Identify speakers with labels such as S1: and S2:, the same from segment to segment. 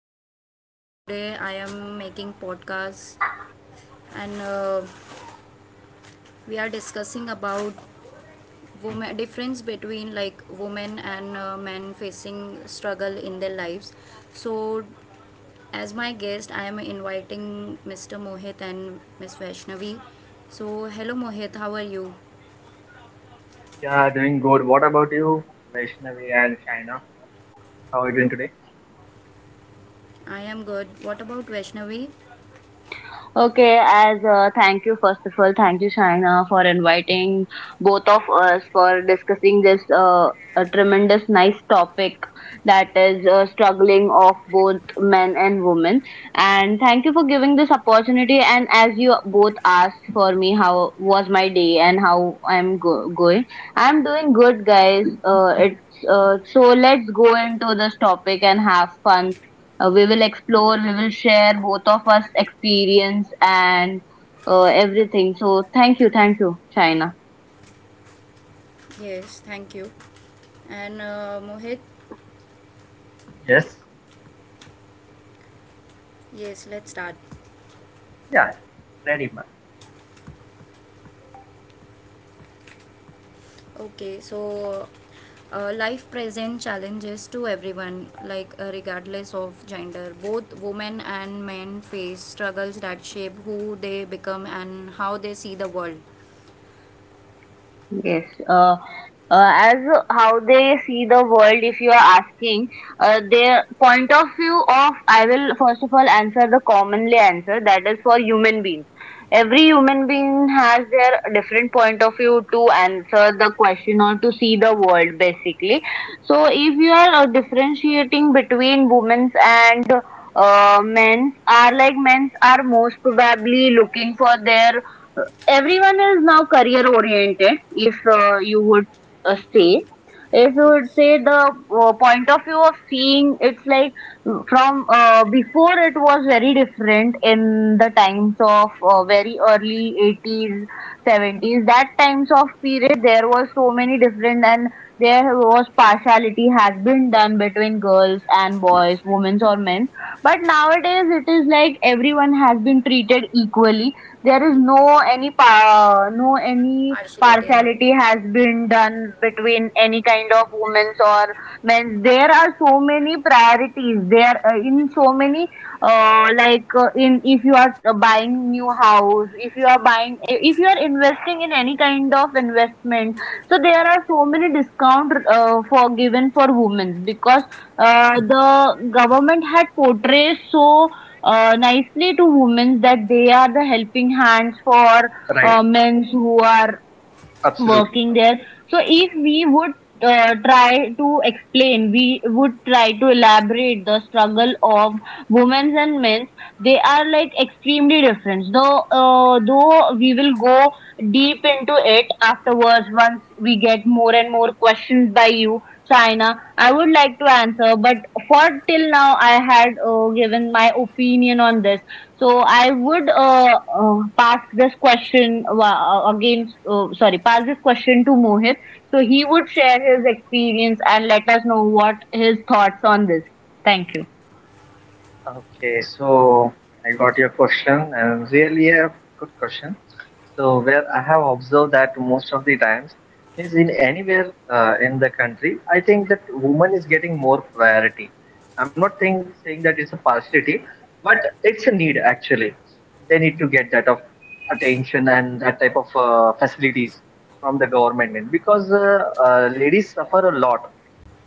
S1: evening. Today I am making podcast and we are discussing about woman difference between like women and men facing struggle in their lives. So as my guest I am inviting Mr. Mohit and Miss Vaishnavi. So hello Mohit, how are you?
S2: Yeah, doing good. What about you, Vaishnavi and Shaina? How are you doing today?
S1: I am good. What about Vaishnavi?
S3: Okay, as thank you, first of all, thank you, Shaina, for inviting both of us for discussing this a tremendous, nice topic that is struggling of both men and women. And thank you for giving this opportunity. And as you both asked for me, how was my day and how I'm going? I'm doing good, guys. It's so let's go into this topic and have fun. We will explore, we will share both of us experience and everything. So thank you, China.
S1: Yes, thank you. And Mohit,
S2: Yes.
S1: yes, let's start.
S2: Yeah. Ready, man.
S1: Okay, so Life present challenges to everyone, like regardless of gender. Both women and men face struggles that shape who they become and how they see the world.
S3: Yes. As how they see the world, if you are asking, their point of view of, I will first of all answer the commonly answer that is for human beings. Every human being has their different point of view to answer the question or to see the world basically. So if you are differentiating between women's and men's, are like men's are most probably looking for their everyone is now career oriented. If you would say, if you would
S1: Yes,
S3: say the point of view of seeing it's like mm, from before it was very different in the times of very early 80s, 70s. That times of period there was so many different, and there was partiality has been done between girls and boys, women or men. But nowadays it is like everyone has been treated equally. There is no
S1: yes,
S3: any
S1: partiality.
S3: partiality has been done between any kind of women's or men's. There are so many priorities there, in so many like in if you are buying new house, if you are buying, if you are investing in any kind of investment, so there are so many discount for given for women. Because the government had portrayed so nicely to women that they are the helping hands for
S2: Right.
S3: men who are
S2: Absolutely.
S3: working there. So if we would try to explain, we would try to elaborate the struggle of women's and men's. They are like extremely different. Though we will go deep into it afterwards once we get more and more questions by you, China. I would like to answer, but for till now, I had given my opinion on this. So I would pass this question again. Sorry, pass this question to Mohit. So he would share his experience and let us know what his thoughts on this. Thank you.
S2: Okay, so I got your question, and really a good question. So where I have observed that most of the times means in anywhere in the country, I think that woman is getting more priority. I'm not think, saying that it's a partiality, but it's a need actually. They need to get that of attention and that type of facilities from the government because ladies suffer a lot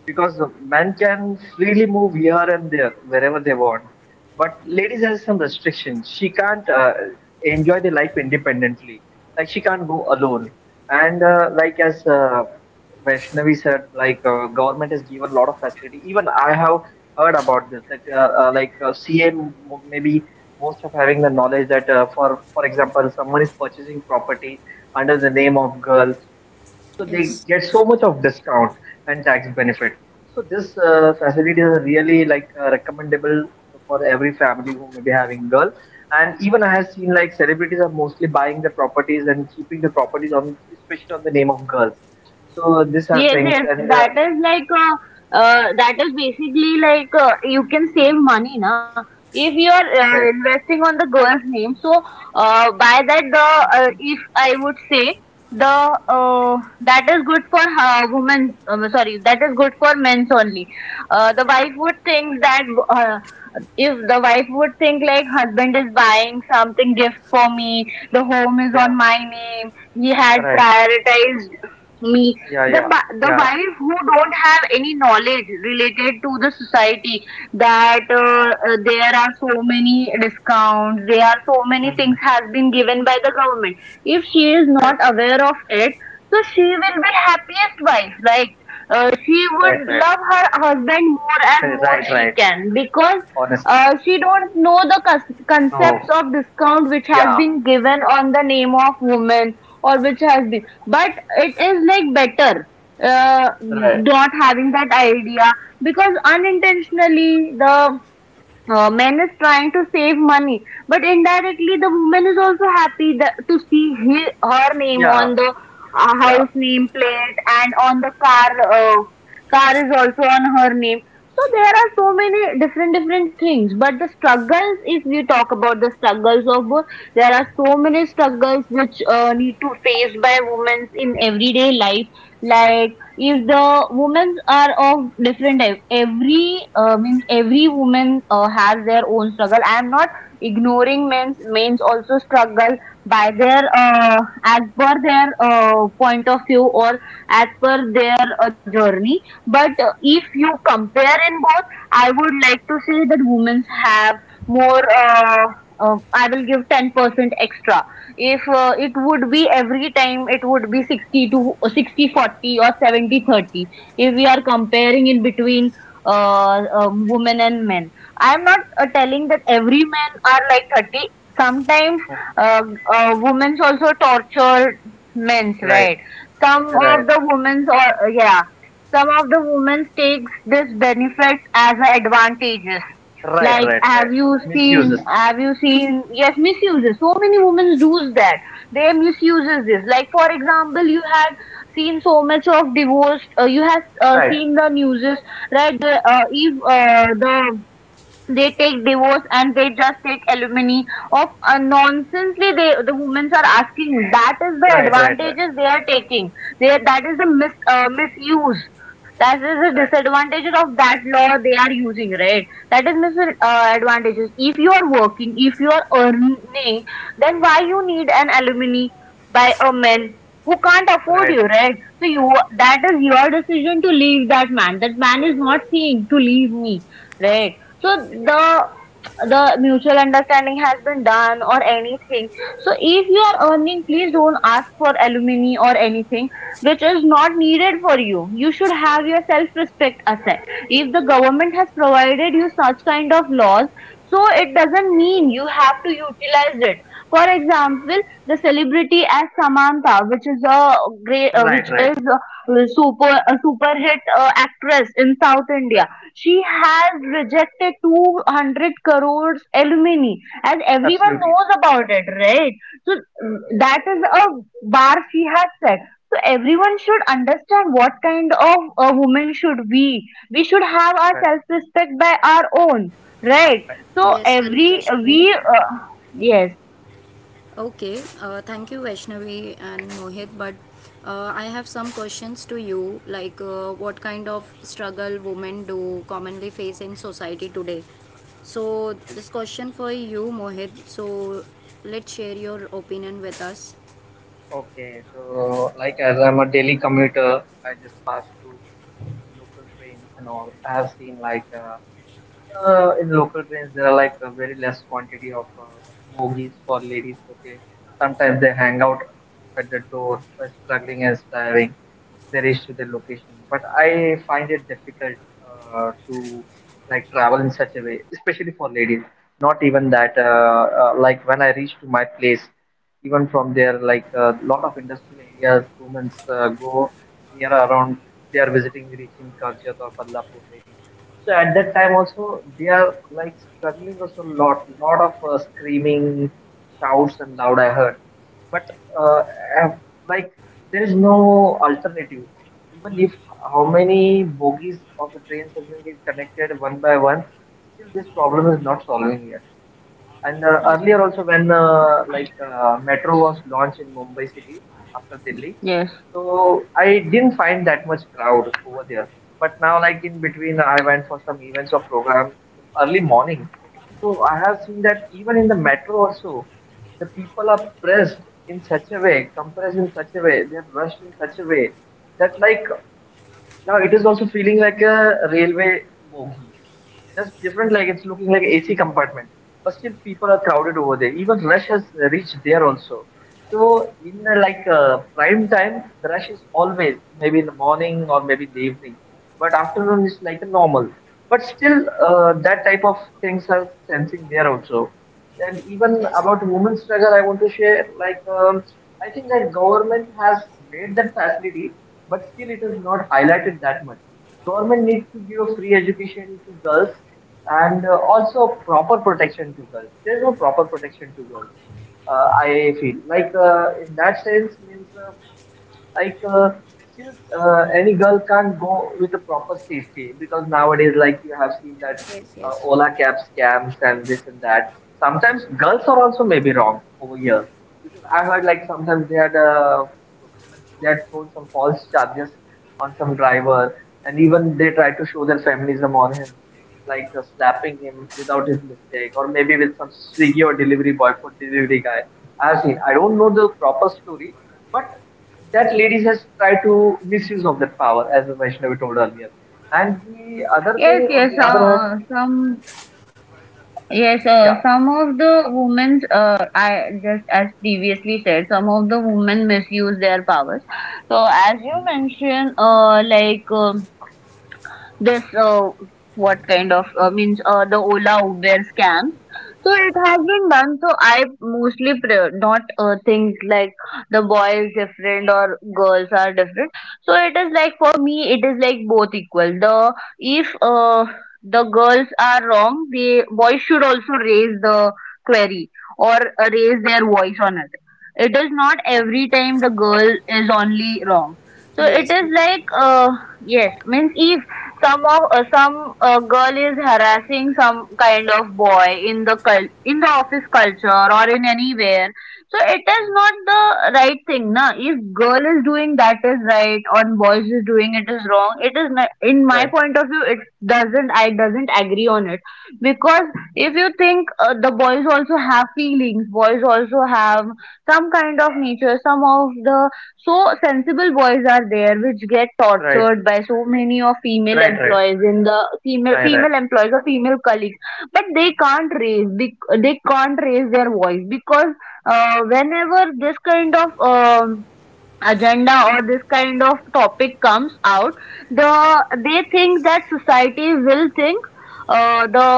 S2: because men can freely move here and there wherever they want, but ladies has some restrictions. She can't enjoy the life independently, like she can't go alone, and like as Vaishnavi said, like government has given a lot of facility. Even I have heard about this that like CA maybe most of having the knowledge that for example, someone is purchasing property under the name of girl, so they
S1: Yes,
S2: get so much of discount and tax benefit. So this facility is really like recommendable for every family who may be having girl. And even I have seen like celebrities are mostly buying the properties and keeping the properties on, especially on the name of girls. So these are
S3: Yes,
S2: things,
S3: yes,
S2: and
S3: that is like that is basically like, you can save money, na? If you are
S2: right,
S3: investing on the girl's name, so by that the, if I would say the uh, that is good for women. Sorry, that is good for men's only. The wife would think that, uh, if the wife would think like husband is buying something gift for me, the home is
S2: yeah,
S3: on my name, he had
S2: right,
S3: prioritized me.
S2: yeah,
S3: The
S2: yeah,
S3: the
S2: yeah,
S3: wife who don't have any knowledge related to the society, that there are so many discounts, there are so many things
S2: hmm,
S3: has been given by the government. If she is not
S2: right.
S3: aware of it, so she will be
S2: Mhm.
S3: happiest wife, right? She would
S2: Right, right,
S3: love her husband more and
S2: right,
S3: more
S2: right,
S3: she
S2: right.
S3: can. Because
S2: Honest.
S3: she don't know the
S2: No.
S3: concepts of discount which has
S2: Yeah.
S3: been given on the name of woman or which has been, but it is like better
S2: Right.
S3: not having that idea. Because unintentionally the man is trying to save money, but indirectly the woman is also happy that, to see he, her name
S2: Yeah,
S3: on the
S2: yeah.
S3: house name plate, and on the car, car is also on her name. So there are so many different different things. But the struggles, if we talk about the struggles of there are so many struggles which need to faced by women in everyday life. Like, if the women are of different every means every woman has their own struggle. I am not ignoring means also struggle by their, as per their point of view, or as per their journey. But if you compare in both, I would like to say that women have more, I will give 10% extra. If it would be every time, it would be 60 to 60-40 or 70-30. If we are comparing in between women and men, I'm not telling that every men are like 30. Sometimes
S2: Mhm.
S3: uh, women's also torture men's,
S2: Right,
S3: right? Some
S2: right.
S3: of the women's or yeah, some of the women's takes this benefits as a advantages.
S2: Right,
S3: Like,
S2: right,
S3: have
S2: right.
S3: you seen?
S2: Misuses.
S3: Have you seen? Yes, misuses. So many women do that. They misuses this. Like, for example, you had seen so much of divorce. You have
S2: Right,
S3: seen the newses, right? The, if the, they take divorce and they just take alimony of nonsensely, they, the women are asking, that is the
S2: right, right, right,
S3: advantages they are taking. They, that is the misuse, that is the
S2: right,
S3: disadvantages of that law they are using, right? That is advantages. If you are working, if you are earning, then why you need an alimony by a man who can't afford
S2: right,
S3: you, right? So you, that
S2: right,
S3: is your decision to leave that man. That man is not saying to leave me. Right. So the the mutual understanding has been done or anything. So if you are earning, please don't ask for alimony or anything which is not needed for you. You should have your self-respect asset. If the government has provided you such kind of laws, so it doesn't mean you have to utilize it. For example, the celebrity as Samantha, which is a great,
S2: right,
S3: which
S2: right,
S3: is a super hit actress in South India.
S2: right.
S3: She has rejected 200 crores alumni, and everyone
S2: Absolutely.
S3: knows about it, right? So that is a bar she has set. So everyone should understand what kind of a woman should be. We should have our
S2: Right,
S3: self-respect by our own, right?
S2: right.
S3: So
S1: yes, correct,
S3: every
S1: Vaishnavi.
S3: we yes.
S1: Okay, thank you Vaishnavi and Mohit. But I have some questions to you. Like, what kind of struggle women do commonly face in society today? So, this question for you, Mohit. So, let's share your opinion with us.
S2: Okay, so like, as I'm a daily commuter, I just pass through local trains and all. I have seen like in local trains, there are like a very less quantity of bogies for ladies. Okay, sometimes they hang out at the door, by struggling and striving. They reach to their location, but I find it difficult to like travel in such a way, especially for ladies. Not even that, like when I reach to my place, even from there, like a lot of industrial areas, women go near around. They are visiting, reaching Karjat or Ballapur maybe, so at that time also they are like struggling also a lot, lot of screaming, shouts and loud I heard. But uh, uh, like there is no alternative. Even if how many bogies of the trains has been get connected one by one, still this problem is not solving yet. And earlier also when like metro was launched in Mumbai city after Delhi,
S3: Yes,
S2: so I didn't find that much crowd over there. But now, like in between, I went for some events or program in the early morning. So I have seen that even in the metro also, the people are pressed in such a way, compressed in such a way, they have rushed in such a way that like now it is also feeling like a railway bogie. Just different, like it's looking like AC compartment. But still, people are crowded over there. Even rush has reached there also. So in like prime time, the rush is always maybe in the morning or maybe in the evening. But afternoon is like a normal. But still, that type of things are sensing there also. And even
S1: Yes,
S2: about women's struggle, I want to share like I think that government has made that facility, but still it is not highlighted that much. Government needs to give a free education to girls, and also proper protection to girls. There is no proper protection to girls. I feel like in that sense means like still any girl can't go with a proper safety, because nowadays like you have seen that
S1: yes, yes.
S2: Ola cab scams and this and that. Sometimes girls are also maybe wrong over here, because I heard like sometimes they had thrown some false charges on some driver, and even they tried to show their feminism on him, like slapping him without his mistake, or maybe with some Swiggy or delivery boy, food delivery guy. I have seen, I don't know the proper story, but that
S1: Okay.
S2: ladies has tried to misuse of that power, as Vaishnavi told earlier. And the other
S3: yes,
S2: thing, on
S3: yes.
S2: the other hand, yeah,
S3: Some of the women's, I just as previously said, some of the women misuse their powers. So as you mentioned, like. This what kind of means the Ola Uber scams. So it
S2: mhm,
S3: has been done. So I mostly pre- not think like the boy is different or girls are different. So it is like for me, it is like both equal. The, if the girls are wrong, the boys should also raise the query or raise their voice on it. It is not
S2: mhm,
S3: every time the girl is only wrong. So it
S1: Yes.
S3: is like yes, means if some girl is harassing some kind of boy in the in the office culture or in anywhere, so it
S2: mhm,
S3: is not the right thing, na? If girl is doing that is right, or boys is doing it is wrong, it is not, in my
S2: right,
S3: point of view it doesn't agree on it. Because if you think the boys also have feelings, boys also have some kind of nature, some of the, so sensible boys are there which get
S2: right,
S3: tortured by so many of female
S2: right, right,
S3: employees, in the female
S2: right, right.
S3: female employees or female colleagues. But they can't raise, they can't raise their voice, because whenever this kind of agenda or this kind of topic comes out, they think that society will think the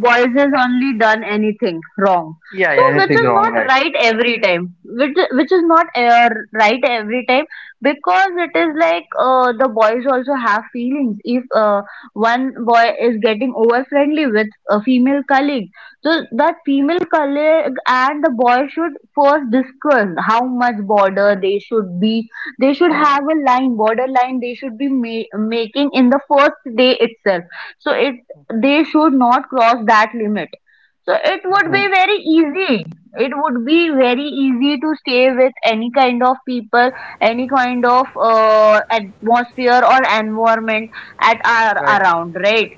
S3: boys has only done anything wrong.
S2: Yeah, yeah,
S3: So which
S2: anything
S3: is
S2: wrong,
S3: not
S2: right?
S3: right every time, which is not right every time. Because it is like the boys also have feelings. If one boy is getting over friendly with a female colleague, so that
S2: Yeah,
S3: female colleague and the boy should first discuss how much border they should be. They should have a line, border line. They should be making in the first day itself. So it, they should not cross that limit. So it would
S2: mm-hmm.
S3: be very easy. It would be very easy to stay with any kind of people, any kind of atmosphere or environment at our
S2: Right,
S3: around, right?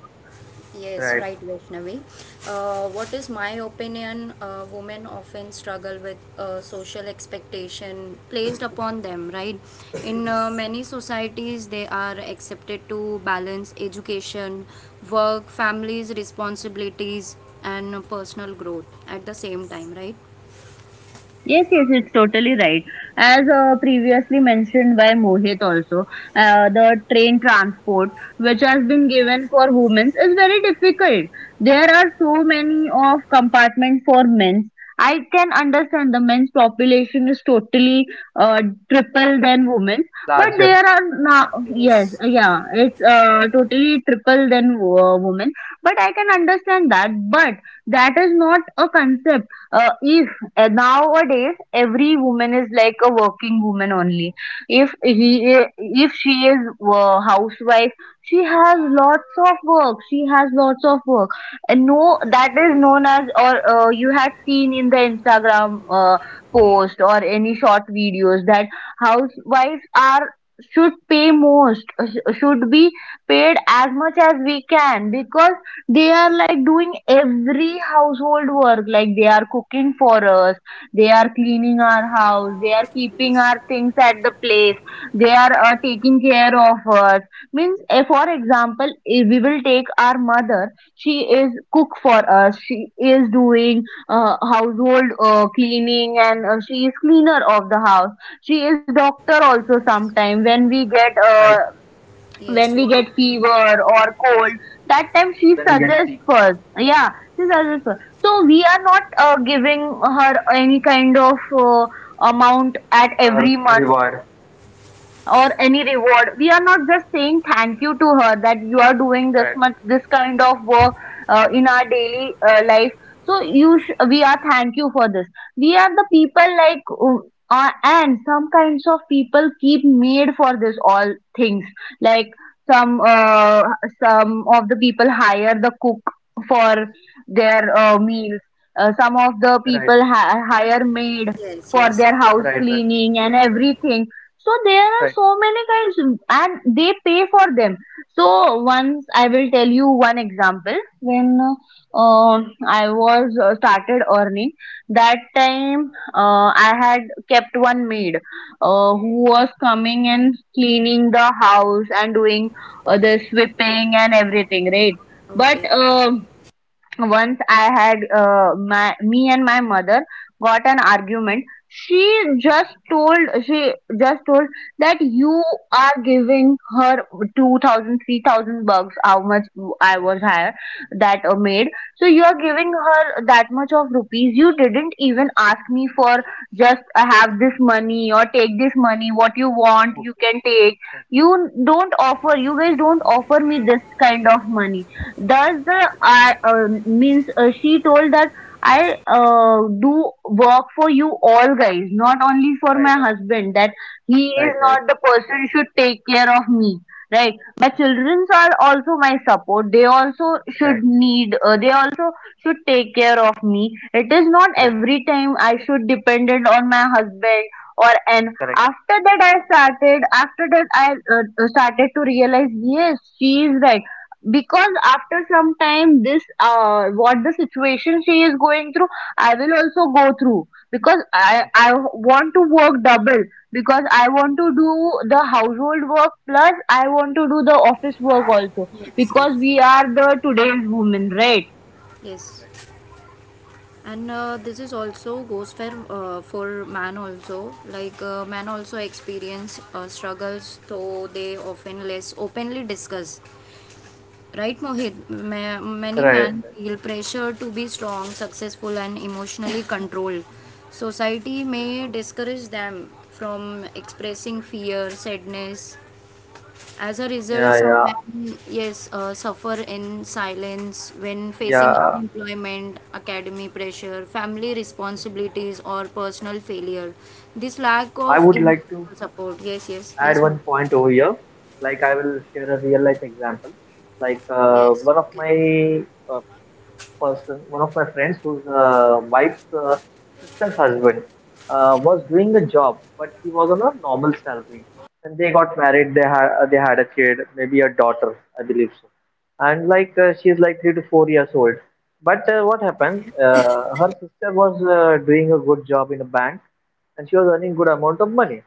S1: Yes,
S2: right.
S1: right, Vaishnavi. What is my opinion? Women often struggle with social expectation placed upon them, right? In many societies, they are accepted to balance education, work, families, responsibilities, and personal growth at the same time, right?
S3: Yes, yes, it's totally right. As previously mentioned by Mohit also, the train transport which has been given for women is very difficult. There are so many of compartments for men. I can understand the men's population is totally uh, triple than women's, but
S2: Larger,
S3: there are now yes,
S1: Yes,
S3: yeah, it's totally triple than women. But I can understand that, but that is not a concept if and nowadays every woman is like a working woman only if he if she is housewife, she has lots of work she has lots of work and no, that is
S1: yes,
S3: known as. Or you had seen in the Instagram post or any short videos that housewives are should pay most should be paid as much as we can, because they are like doing every household work. Like they are cooking for us, they are cleaning our house, they are keeping our
S1: yes,
S3: things at the place, they are taking care of us. Means for example, if we will take our mother, she is cook for us, she is doing household cleaning, and she is cleaner of the house, she is doctor also sometimes
S2: right.
S3: when
S1: yes.
S3: we get
S1: Wow.
S3: fever or cold.
S2: When
S1: Yes,
S2: we get
S3: That
S2: sick,
S3: time she suggests first, yeah, she suggests first. So we are not giving her any kind of uh, amount at
S2: uh,
S3: every month
S2: reward,
S3: or any reward. We are not just saying thank you to her, that you are doing this
S2: right,
S3: much, this kind of work in our daily life. So we are thank you for this. We are the people like and some kinds of people keep made for this all things. Like some uh, some of the people hire the cook for their meals. Uh, some of the
S2: right,
S3: people hire maid
S1: yes.
S3: for
S1: yes.
S3: their house
S2: right, right,
S3: cleaning and everything. So there are
S2: right.
S3: so many kinds and they pay for them. So once I will tell you one example. When uh, I was started earning, that time I had kept one maid who was coming and cleaning the house and doing
S2: Okay.
S3: the sweeping and everything, right? But
S1: Okay.
S2: Mhm.
S3: once I had my me and my mother got an argument. She just told that you are giving her 2,000, 3,000 bucks. How much I was hired that maid? So you are giving her that much of rupees, you didn't even ask me for just have this money or take this money, what you want
S2: Okay,
S3: you can take.
S2: okay, okay.
S3: You don't offer, you guys don't offer me this kind of money. Thus, the I means she told that I do work for you all guys, not only for my
S2: Right, right,
S3: husband. That he is
S2: right,
S3: not
S2: right,
S3: the person should take care of me, right? My children are also my support. They also should
S2: right,
S3: need. They also should take care of me. It is not
S2: correct,
S3: every time I should dependent on my husband. Or an
S2: correct.
S3: after that I started, after that I started to realize, yes, she is right. Because after some time, this what the situation she is going through, I will also go through, because I want to work double, because I want to do the household work plus I want to do the office work also,
S1: Yes, yes.
S3: because we are the today's women, right?
S2: Right.
S1: Yes. and This is also goes for man also like man also experience struggles though they often less openly discuss right mohit many
S2: Right.
S1: men feel pressure to be strong successful and emotionally controlled society
S2: Yeah.
S1: may discourage them from expressing fear sadness as a
S2: Yeah.
S1: result, some
S2: Yeah.
S1: men, yes, suffer in silence when facing
S2: Yeah.
S1: unemployment, academy pressure, family
S2: Mm.
S1: responsibilities, or personal failure. This lack
S2: I
S1: of
S2: would like to
S1: emotional support. Yes, yes,
S2: add
S1: yes, ma'am.
S2: one point over here. Like I will share a real life example. Like
S1: Yes,
S2: one of
S1: okay.
S2: my uh, one of my friends whose wife's sister's husband was doing a job, but he was on a normal salary. And they got married. They had a kid, maybe a daughter, I believe so. And like she's like three to four years old. But what happened? Her sister was doing a good job in a bank, and she was earning good amount of money.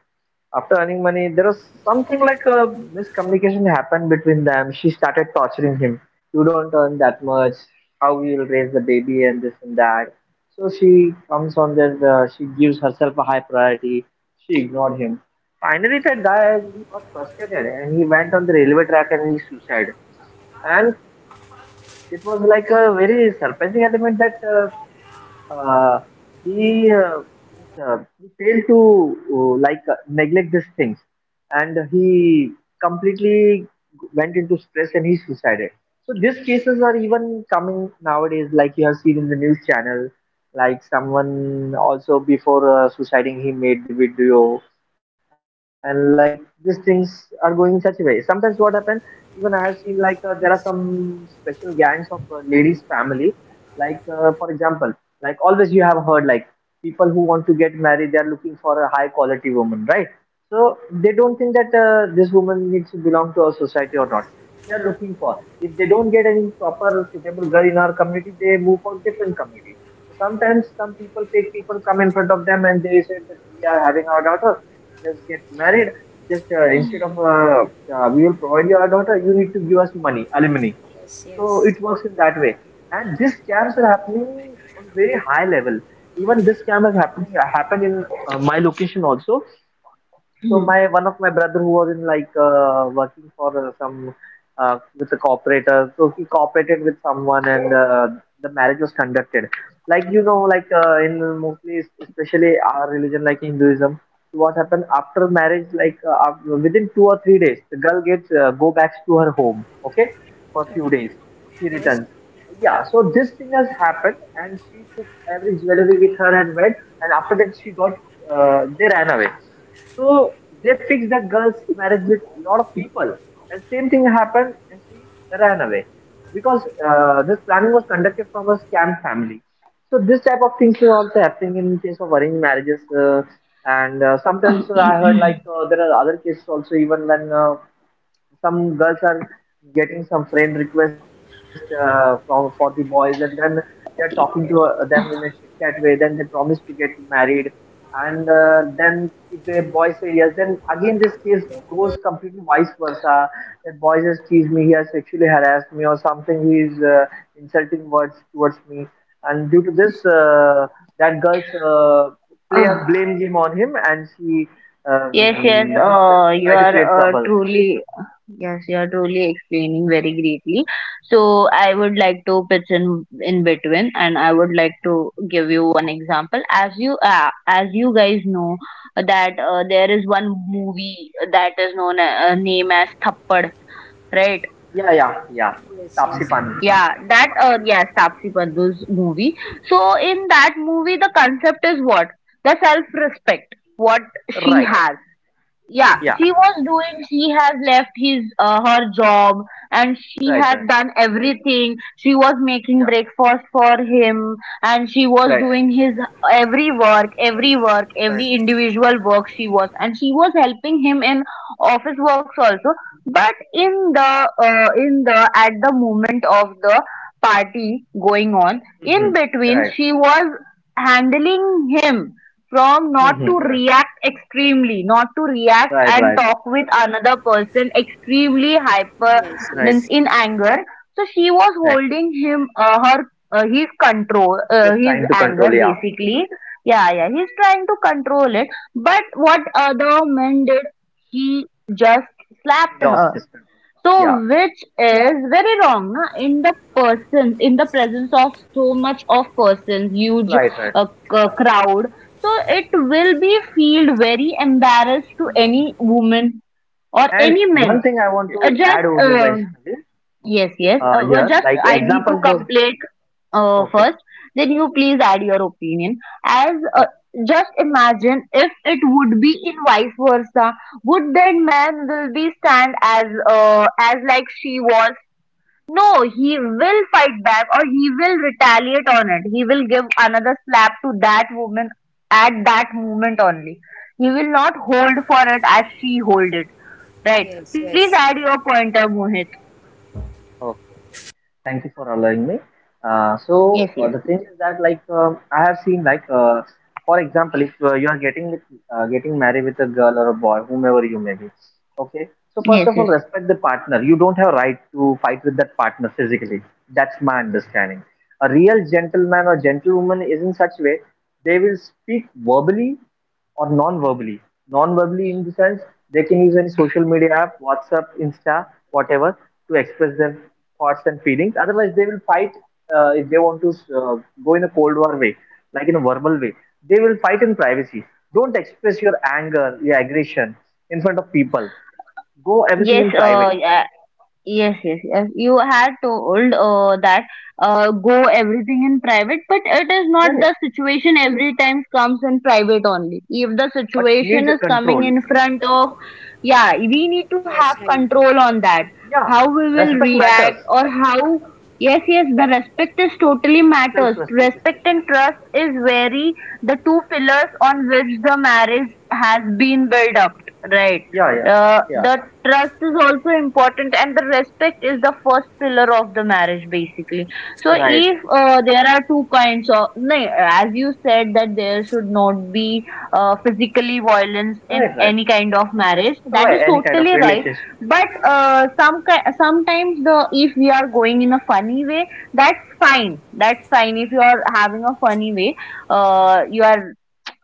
S2: After earning money, there was something like a miscommunication happened between them. She started torturing him. You don't earn that much. How you will raise the baby and this and that. So she comes on that. She gives herself a high priority. She ignored him. Finally, that guy got frustrated, and he went on the railway track and he suicided. And it was like a very surprising element that uh, he, uh, he failed to like neglect these things, and he completely went into stress and he suicided. So these cases are even coming nowadays, like you have seen in the news channel, like someone also before suiciding he made the video. And like these things are going in such a way. Sometimes what happen, even I have seen like there are some special gangs of ladies family. Like for example, like always you have heard like people who want to get married, they are looking for a high quality woman, right? So they don't think that this woman needs to belong to our society or
S1: Yes,
S2: not. They are looking for. If they don't get any proper suitable girl in our community, they move for different community. So sometimes some people take, people come in front of them and they say that we are having our daughter, just get married. Just instead of we will provide you our daughter, you need to give us money, alimony. So
S1: yes,
S2: it works in that way. And these scams are happening on very high level. Even this scam is happening happened in my location also. So my one of my brother who was in like working for some with a cooperator. So he cooperated with someone, and the marriage was conducted. Like you know, like in mostly, especially our religion, like Hinduism, what happened after marriage? Like within two or three days, the girl gets go back to her home. Okay, for few days,
S1: yes,
S2: she
S1: yes,
S2: returns.
S1: yes,
S2: Yeah, so this thing has happened, and she took every jewelry with her and went. And after that, she got they ran away. So they fixed that girl's marriage with a lot of people. And same thing happened, and she ran away, because this planning was conducted from a scam family. So this type of things is also happening in case of arranged marriages. And sometimes I heard like there are other cases also, even when some girls are getting some friend request from for the boys, and then they're talking to them in a chit chat way, then they promise to get married. And then if the boy say yes, then again this case goes completely vice versa, that boy has teased me, he has sexually harassed me, or something he is insulting words towards me. And due to this that girls play a
S3: Hmm.
S2: blame game on him, and she
S3: Yes, yes,
S2: um,
S3: you
S2: try to
S3: are
S2: create trouble.
S3: truly, yes, you are truly explaining very greatly. So I would like to pitch in between, and I would like to give you one example. As you guys know, that there is one movie that is known name as Thappad, right?
S2: Yeah, yeah, yeah.
S1: yes, yes, yes,
S2: Tapsi Pannu.
S3: Yeah, that yes, Tapsi Pannu's movie. So in that
S2: Yeah.
S3: movie, the concept is what? The self-respect, what she
S2: Right.
S3: has. Yeah,
S2: Yeah.
S3: she was doing she has left his her job, and she
S2: Right. Right.
S3: had done everything. She was
S2: Yeah.
S3: making breakfast for him, and she was
S2: Right.
S3: doing his
S2: Right.
S3: every individual work she was, and she was helping him in office works also. But in the at the moment of the party going on
S2: Mm-hmm.
S3: in between,
S2: Right.
S3: she was handling him from not to
S2: Mm-hmm. Right.
S3: react extremely, not to react
S2: Right.
S3: and
S2: Right.
S3: talk with another person extremely hyper,
S1: yes,
S2: Right.
S3: means
S1: yes,
S3: in anger. So she was
S2: Right.
S3: holding him her his control,
S2: Just
S3: his
S2: trying to control.
S3: anger
S2: Yeah.
S3: basically. Yeah, yeah,
S2: Mhm.
S3: he's trying to control it. But what other man did? He just
S2: He
S3: slapped
S2: lost
S3: her.
S2: his control.
S3: So,
S2: Yeah.
S3: which is very wrong, na? In the person, in the presence of so much of persons, huge
S2: Right. Right.
S3: uh, crowd. So it will be feel very embarrassed to any woman or
S2: And
S3: any man.
S2: one thing I want to
S3: Just
S2: add over here, Vaishnavi,
S3: Yes, yes.
S2: here,
S3: Just
S2: like
S3: I need to
S2: examples was
S3: complete
S2: okay.
S3: first. Then you please add your opinion. As uh, just imagine if it would be in vice versa, would that man will be stand as like she was? No, he will fight back, or he will retaliate on it. He will give another slap to that woman at that moment only. He will not hold for it as she hold it. Right. Please
S1: yes,
S3: add your pointer, Mohit.
S2: Okay, okay. Thank you for allowing me.
S3: Yes,
S2: So
S3: yes.
S2: the thing is that like I have seen like for example, if you are getting with, getting married with a girl or a boy, whomever you may be, okay. So
S3: Yes,
S2: first of
S3: yes,
S2: all, respect the partner. You don't have right to fight with that partner physically. That's my understanding. A real gentleman or gentlewoman is in such way they will speak verbally or non-verbally. Non-verbally in the sense they can use any social media app, WhatsApp, Insta, whatever, to express their thoughts and feelings. Otherwise, they will fight if they want to uh, go in a cold war way, like in a verbal way. They will fight in privacy. Don't express your anger, your aggression in front of people. Go everything
S3: yes.
S2: in private.
S3: Yeah, yes, yes, yes. You had told that go everything in private, but it is not
S2: Yeah, yeah.
S3: the situation every time comes in private only. If the
S2: But
S3: situation
S2: need
S3: is coming
S2: control.
S3: in front of, yeah, we need to have
S1: yes, right,
S3: control on that.
S2: Yeah.
S3: How we will
S2: Respect
S3: react,
S2: matters.
S3: or how. Yes, yes, the respect is totally matters.
S2: Self-respect
S3: Respect
S2: especially.
S3: and trust is very the two pillars on which the marriage has been built up, right?
S2: Yeah, yeah,
S3: Uh,
S2: yeah.
S3: the trust is also important, and the respect is the first pillar of the marriage basically. So
S2: Right,
S3: if there are two kinds of no, as you said that there should not be physically violence in
S2: right, right.
S3: any kind of marriage, that is
S2: Right, any kind of
S3: totally right.
S2: relationship.
S3: But sometimes the if we are going in a funny way, that's fine, that's fine, if you are having a funny way,
S2: Mhm, mhm.
S3: you are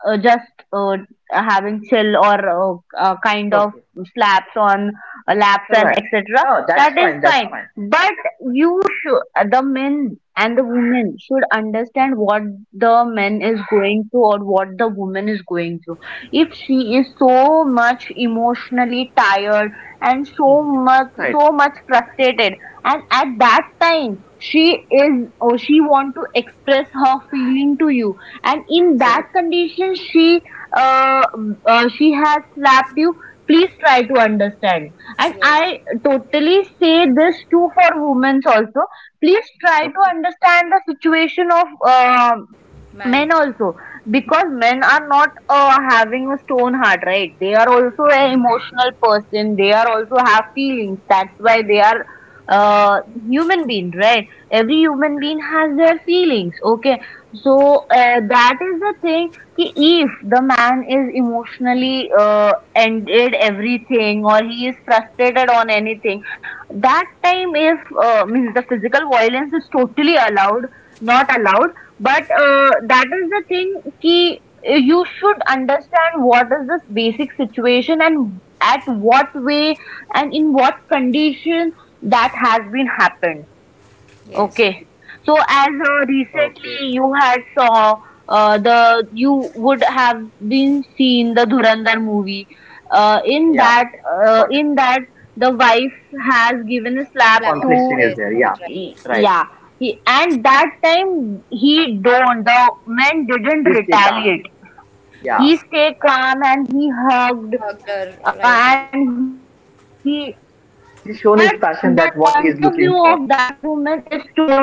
S3: just having chill or kind of
S2: Okay,
S3: slaps on laps and
S2: right.
S3: etc.
S2: Oh, that's
S3: That is
S2: fine, that's
S3: fine,
S2: fine.
S3: but you should, the men and the women should understand
S2: Mhm,
S3: what the men is going through or what the woman is going through. If she is so much emotionally tired, and
S2: mhm. Right,
S3: so much frustrated, and at that time she is, or she want to express her feeling to you, and in that
S2: right.
S3: condition uh, she has slapped you, please try to understand. And
S1: yes,
S3: I totally say this too for women also, please try to
S2: Okay,
S3: understand the situation of men
S1: man,
S3: also, because men are not having a stone heart, right? They are also an emotional person, they are also have feelings, that's why they are uh human being, right? Every human
S2: right.
S3: being has their feelings, okay? So that is the thing, ki, if the man is emotionally ended everything, or he is frustrated on anything, that time if means the physical violence is totally allowed, not allowed. But that is the thing, ki, you should understand what is this basic situation, and at what way, and in what condition that has been happened,
S1: yes,
S3: okay?
S1: right,
S3: So as
S2: Okay,
S3: recently you had saw the you would have been seen the Dhurandhar movie, uh,
S2: yeah,
S3: in
S1: yes,
S3: that
S2: got it.
S3: in that the wife has given a slap
S2: Conflict
S1: slap,
S3: to
S2: is there,
S1: yes,
S2: yeah.
S1: right,
S3: y-
S1: right,
S2: Right.
S3: yeah. He, and that time he don't the man
S2: He
S3: didn't
S2: stay calm,
S3: retaliate.
S2: yeah.
S3: He
S1: yes,
S3: stayed calm and he hugged
S1: hug her, right, right.
S3: and he but the
S2: He's shown
S3: point
S2: his
S3: of
S2: passion
S3: view
S2: that what
S3: of
S2: he is
S3: that
S2: looking for.
S3: woman is told.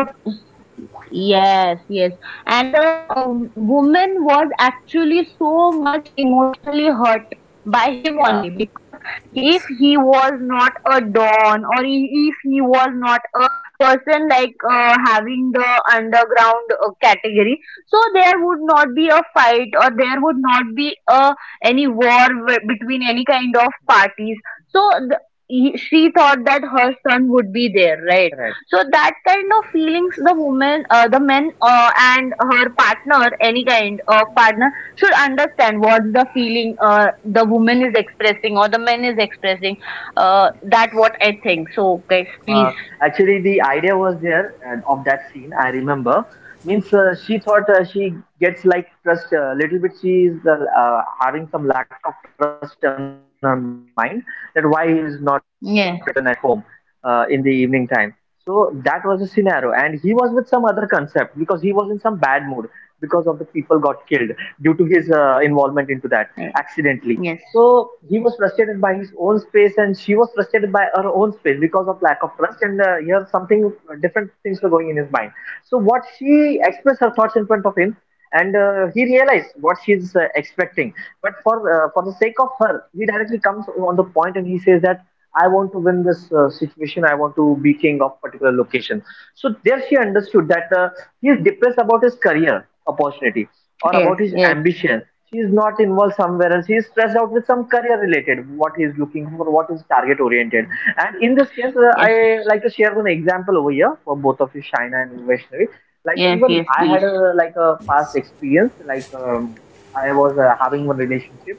S3: Yes, yes. And the woman was actually so much emotionally hurt by him
S2: Yeah,
S3: only, because if
S1: Yes.
S3: he was not a don, or if he was not a person like having the underground category, so there
S2: Mhm,
S3: would not be a fight, or there would not be a any between any
S2: mhm,
S3: kind of parties. So the, she thought that her son would be there,
S2: right.
S3: right? So that kind of feelings the woman the men and her partner,
S2: Mhm.
S3: any kind of partner, should understand what the feeling the woman is expressing or the man is expressing. That what I
S2: Uh,
S3: think so, guys,
S2: Actually, the
S3: please.
S2: idea was there and of that scene. I remember. Means she thought she gets like trust a little bit. She is having some lack of trust in her mind that why he is not written at home in the evening time. So
S3: Yes,
S2: that was the scenario, and he was with some other concept because he was in some bad mood because of the people got killed due to his involvement into that accidentally. So he was
S3: yes,
S2: frustrated by his
S3: yes,
S2: own space, and she was frustrated by her own space because of lack of trust. And here, something different things were going in his mind. So what she expressed her thoughts in front of him, and he realized what she's expecting. But for the sake of her, he directly comes on the point and he says that I want to win this situation. I want to be king of particular location. So there she understood that he is depressed about his career opportunity or about his
S3: yes,
S2: ambition.
S3: yes,
S2: She is not involved somewhere else. He is stressed out with some career related, what he is looking for, what is target oriented. And in this case, I like
S3: yes,
S2: to share one example over here for both of you, Shaina and Vaishnavi. Like even I
S3: yes,
S2: had
S3: yes,
S2: a
S3: please.
S2: like a past
S1: Yes.
S2: experience. Like I was having one relationship,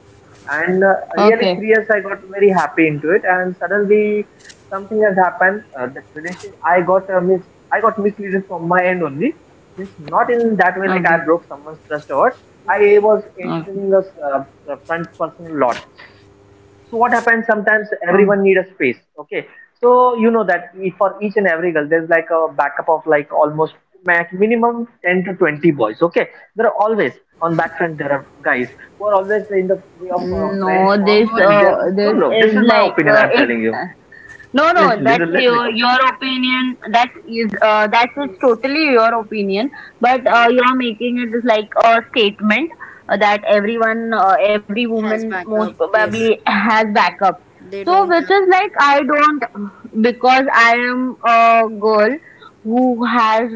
S2: and really 3 years I
S3: Okay,
S2: got very happy into it, and suddenly something has happened. That relationship I got misleaded from my end only it's not in that way like I broke
S3: okay,
S2: someone's trust or what. I
S1: Okay.
S2: was entertaining a
S3: okay.
S2: uh, a front person a lot. So what happens sometimes everyone need a
S3: Oh,
S2: space. Okay, so you know that for each and every girl there's like a backup of like almost max minimum 10 to 20 boys. Okay, there are always on back front there are guys who are always in the way of friends
S3: no,
S2: form
S3: this
S1: No,
S2: and
S1: no,
S2: they're
S1: no.
S2: no no
S3: is
S2: this is my
S3: like
S2: opinion I'm
S3: ex
S2: telling you.
S3: No, no,
S2: Listen,
S3: that's
S2: listen, let me come.
S3: your opinion. That is totally your opinion. But
S1: But
S3: you are making it is like a statement that everyone, every woman
S1: has
S3: most
S1: backup.
S3: probably
S1: Yes.
S3: has backup.
S1: They
S3: So
S1: don't
S3: which
S1: have
S3: is like I don't, because I am a girl who has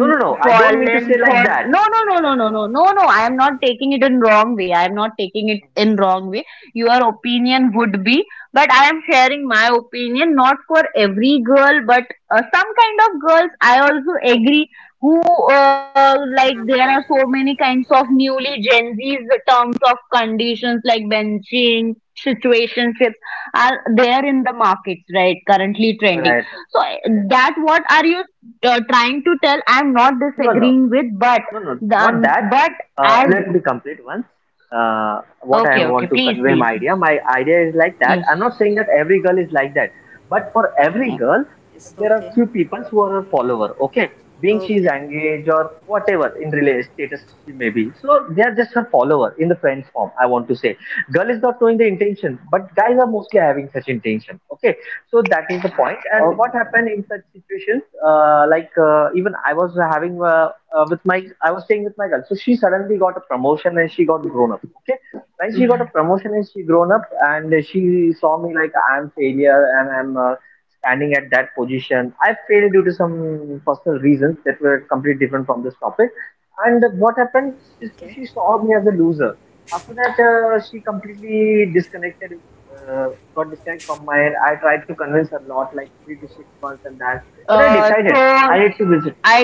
S2: No, no, no, I don't mean to
S3: fallen
S2: say
S3: for.
S2: like
S3: No,
S2: that.
S3: no, no, no, no, no, no, no, I am not taking it in wrong way. I am not taking it in wrong way. Your opinion would be, but I am sharing my opinion, not for every girl, but some kind of girls. I also agree who like there are
S1: has
S3: so
S1: backup.
S3: many kinds of newly Gen Z's terms of conditions like benching, situationships are there in the markets, right, currently trending.
S2: Right.
S3: So that what are you trying to tell? I'm not
S2: No, no,
S3: disagreeing with, but
S2: no, no, not
S3: then
S2: that.
S3: but as
S2: Let me complete once. What I
S3: okay, okay,
S2: want to
S3: please,
S2: convey
S3: please,
S2: my idea. My idea is like that.
S3: yes.
S2: I'm not saying that every girl is like that, but for every girl,
S1: Yes.
S2: there are
S1: Okay.
S2: few people who are a follower. Okay, being she's
S1: Okay.
S2: engaged or whatever in relationship status she may be, so they are just her follower in the friends form. I want to say, girl is not knowing the intention, but guys are mostly having such intention. Okay, so that is the point. And what
S3: Okay.
S2: happened in such situations? Like even I was having. With my I was staying with my girl. So she suddenly got a promotion and she got grown up. Okay. When she got a promotion and she grown up and she saw me like I'm failure and I'm standing at that position. I failed due to some personal reasons that were completely different from this topic. And what happened? She, so
S1: Okay.
S2: she saw me as a loser. After that, she completely disconnected, uh, got disconnected from my end. I tried to convince her a lot, like 3 to 6 months and that. Then I decided
S3: So
S2: I need to visit
S3: I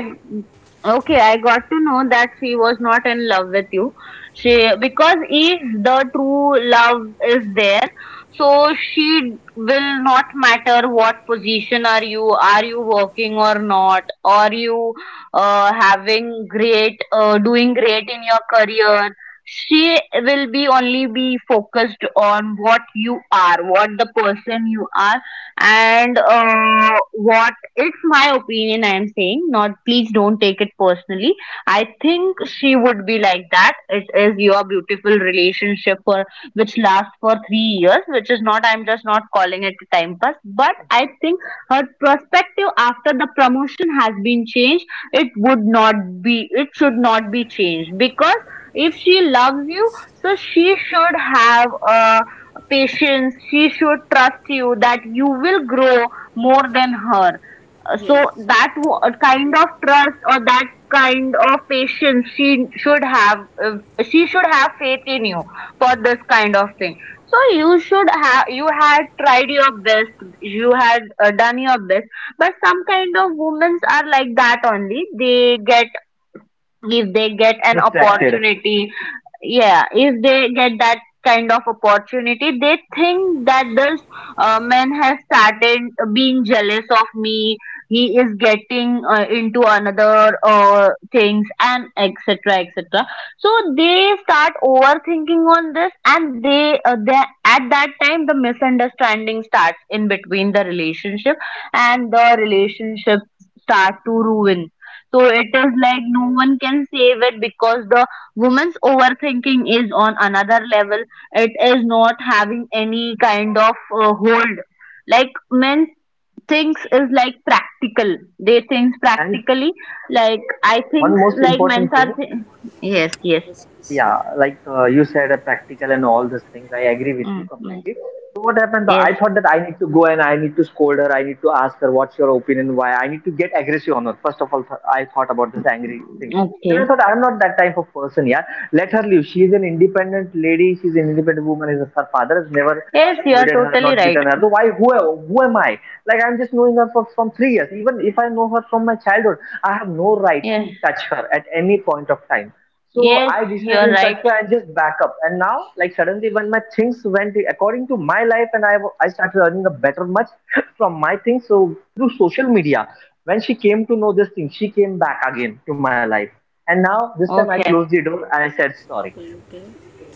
S3: okay, I got to know that she was not in love with you. She because if the true love is there, so she will not matter what position are you working or not, are you having great, doing great in your career. She will be only be focused on what you are, what the person you are, and what it's my opinion, I'm saying, not please don't take it personally. I think she would be like that. It is your beautiful relationship for which lasts for 3 years, which is not, I'm just not calling it a time pass. But I think her perspective after the promotion has been changed, it would not be, it should not be changed because if she loves you,
S1: Yes.
S3: so she should have a patience, she should trust you that you will grow more than her uh, so
S1: Yes.
S3: that kind
S1: Right.
S3: of trust or that kind of patience uh, she should have faith in you for this kind of thing. So you should have you had tried your best, you had done your best, but some kind of women are like that only. They get If they get an
S2: distracted.
S3: opportunity, yeah, if they get that kind of opportunity, they think that this man has started being jealous of me, he is getting into another things and etc etc. So they start overthinking on this, and they at that time the misunderstanding starts in between the relationship, and the relationship start to ruin. So it is like no one can save it because the woman's overthinking is on another level. It is not having any kind of hold. Like men thinks is like practical. They think
S2: And
S3: practically. Like I
S2: one
S3: think
S2: most
S3: like men's
S2: important
S3: are.
S2: thing,
S3: Yes, yes.
S1: Yes. Yes.
S2: yeah, like you said, practical and all these things. I agree with you
S3: Mm, right.
S2: completely. So what happened? Though,
S3: Yes.
S2: I thought that I need to go and I need to scold her. I need to ask her what's your opinion, why I need to get aggressive on her. First of all, th I thought about this angry thing. Then I
S3: Okay.
S2: thought, I'm not that type of person, yeah. Let her live. She is an independent lady. She's an independent woman. Is Her father has never
S3: Yes, you are
S2: scolded her,
S3: totally
S2: not
S3: right.
S2: beaten her. So why, who am I? Like, I'm just knowing her from 3 years. Even if I know her from my childhood, I have no right
S3: Yes,
S2: to touch her at any point of time. So
S3: yes,
S2: I
S3: you
S2: decided
S3: are
S2: in such
S3: right.
S2: way and just back up. And now, like suddenly, when my things went according to my life, and I started earning a better much from my things. So through social media, when she came to know this thing, she came back again to my life. And now this time I closed
S3: Okay.
S2: the door and I said sorry.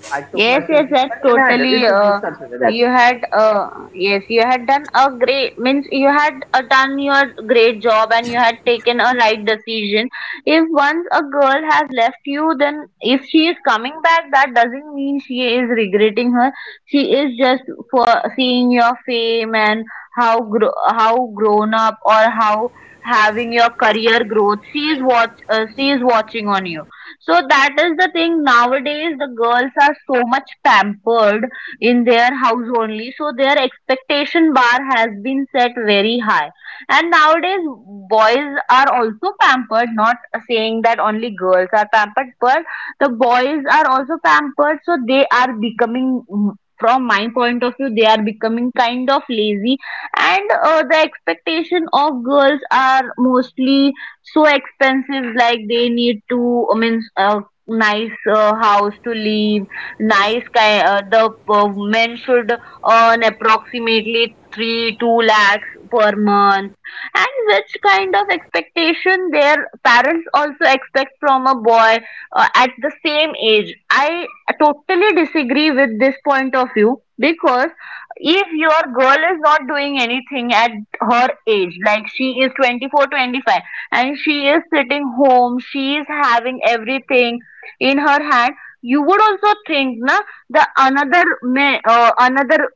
S2: I took
S3: Yes,
S2: myself
S3: yes, that's
S2: back and I did. It's
S3: totally.
S2: just this such a way. That's it.
S3: You had, yes, you had done a great, means you had done your great job and you had taken a right decision. If once a girl has left you, then if she is coming back, that doesn't mean she is regretting her. She is just for seeing your fame and how grown up or how having your career
S1: Yes.
S3: growth. She is
S1: Right.
S3: watch, uh, she is watching on you. So that is the thing. Nowadays, the girls are so much pampered in their house only. So their expectation bar has been set very high. And nowadays, boys are also pampered. Not saying that only girls are pampered, but the boys are also pampered. So they are becoming. Mm, from my point of view, they are becoming kind of lazy, and the expectation of girls are mostly so expensive, like they need to, I mean, a nice house to live,
S1: Yes.
S3: nice kind, the men should earn approximately 3 2 lakhs per month, and which kind of expectation their parents also expect from a boy at the same age. I totally disagree with this point of view because if your girl is not doing anything at her age, like she is 24 25 and she is sitting home, she is having everything in her hand. You would also think, na, the another man, another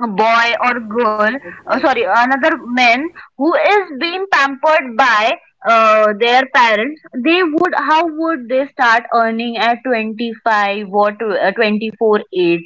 S3: boy or girl,
S1: Yes. Right. Right.
S3: sorry, another man who is being pampered by their parents, they would, how would they start earning at 25 or 24 age?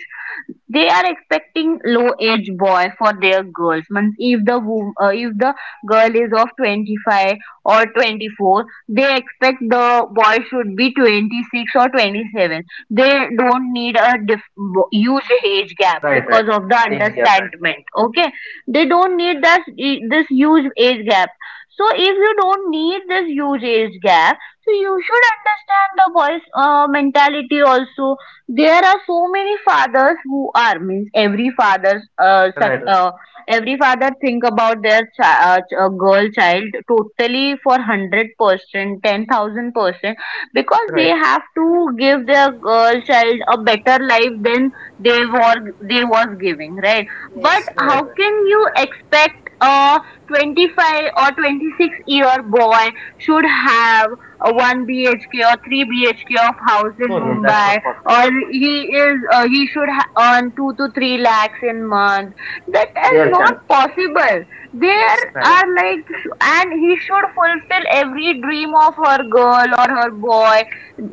S3: They are expecting low-age boy for their girls. Means if the if the girl is of 25 or 24, they expect the boy should be 26 or 27. They don't need a huge age gap
S2: Right, right.
S3: because of the
S2: Age gap, right.
S3: understandment. Okay, they don't need that, this huge age gap. So if you don't need this huge age gap, so you should understand the boys' mentality also. There are so many fathers who are, means every father, such,
S2: Right, right.
S3: every father think about their girl child totally for 100% 10,000% because they
S2: Right,
S3: have to give their girl child a better life than they were they was giving, right? But
S1: Yes.
S2: right,
S3: how
S1: Right.
S2: right.
S3: can you expect a 25 or 26-year boy should have a 1 bhk or 3 bhk of house in
S2: No, no, that's
S3: Mumbai,
S2: not possible.
S3: or he is, he should earn 2 to 3 lakhs in month? That is
S2: Rare
S3: not
S2: chance.
S3: possible. There
S1: Yes.
S2: Right.
S1: Right.
S3: are like, and he should fulfill every dream of her girl or her boy,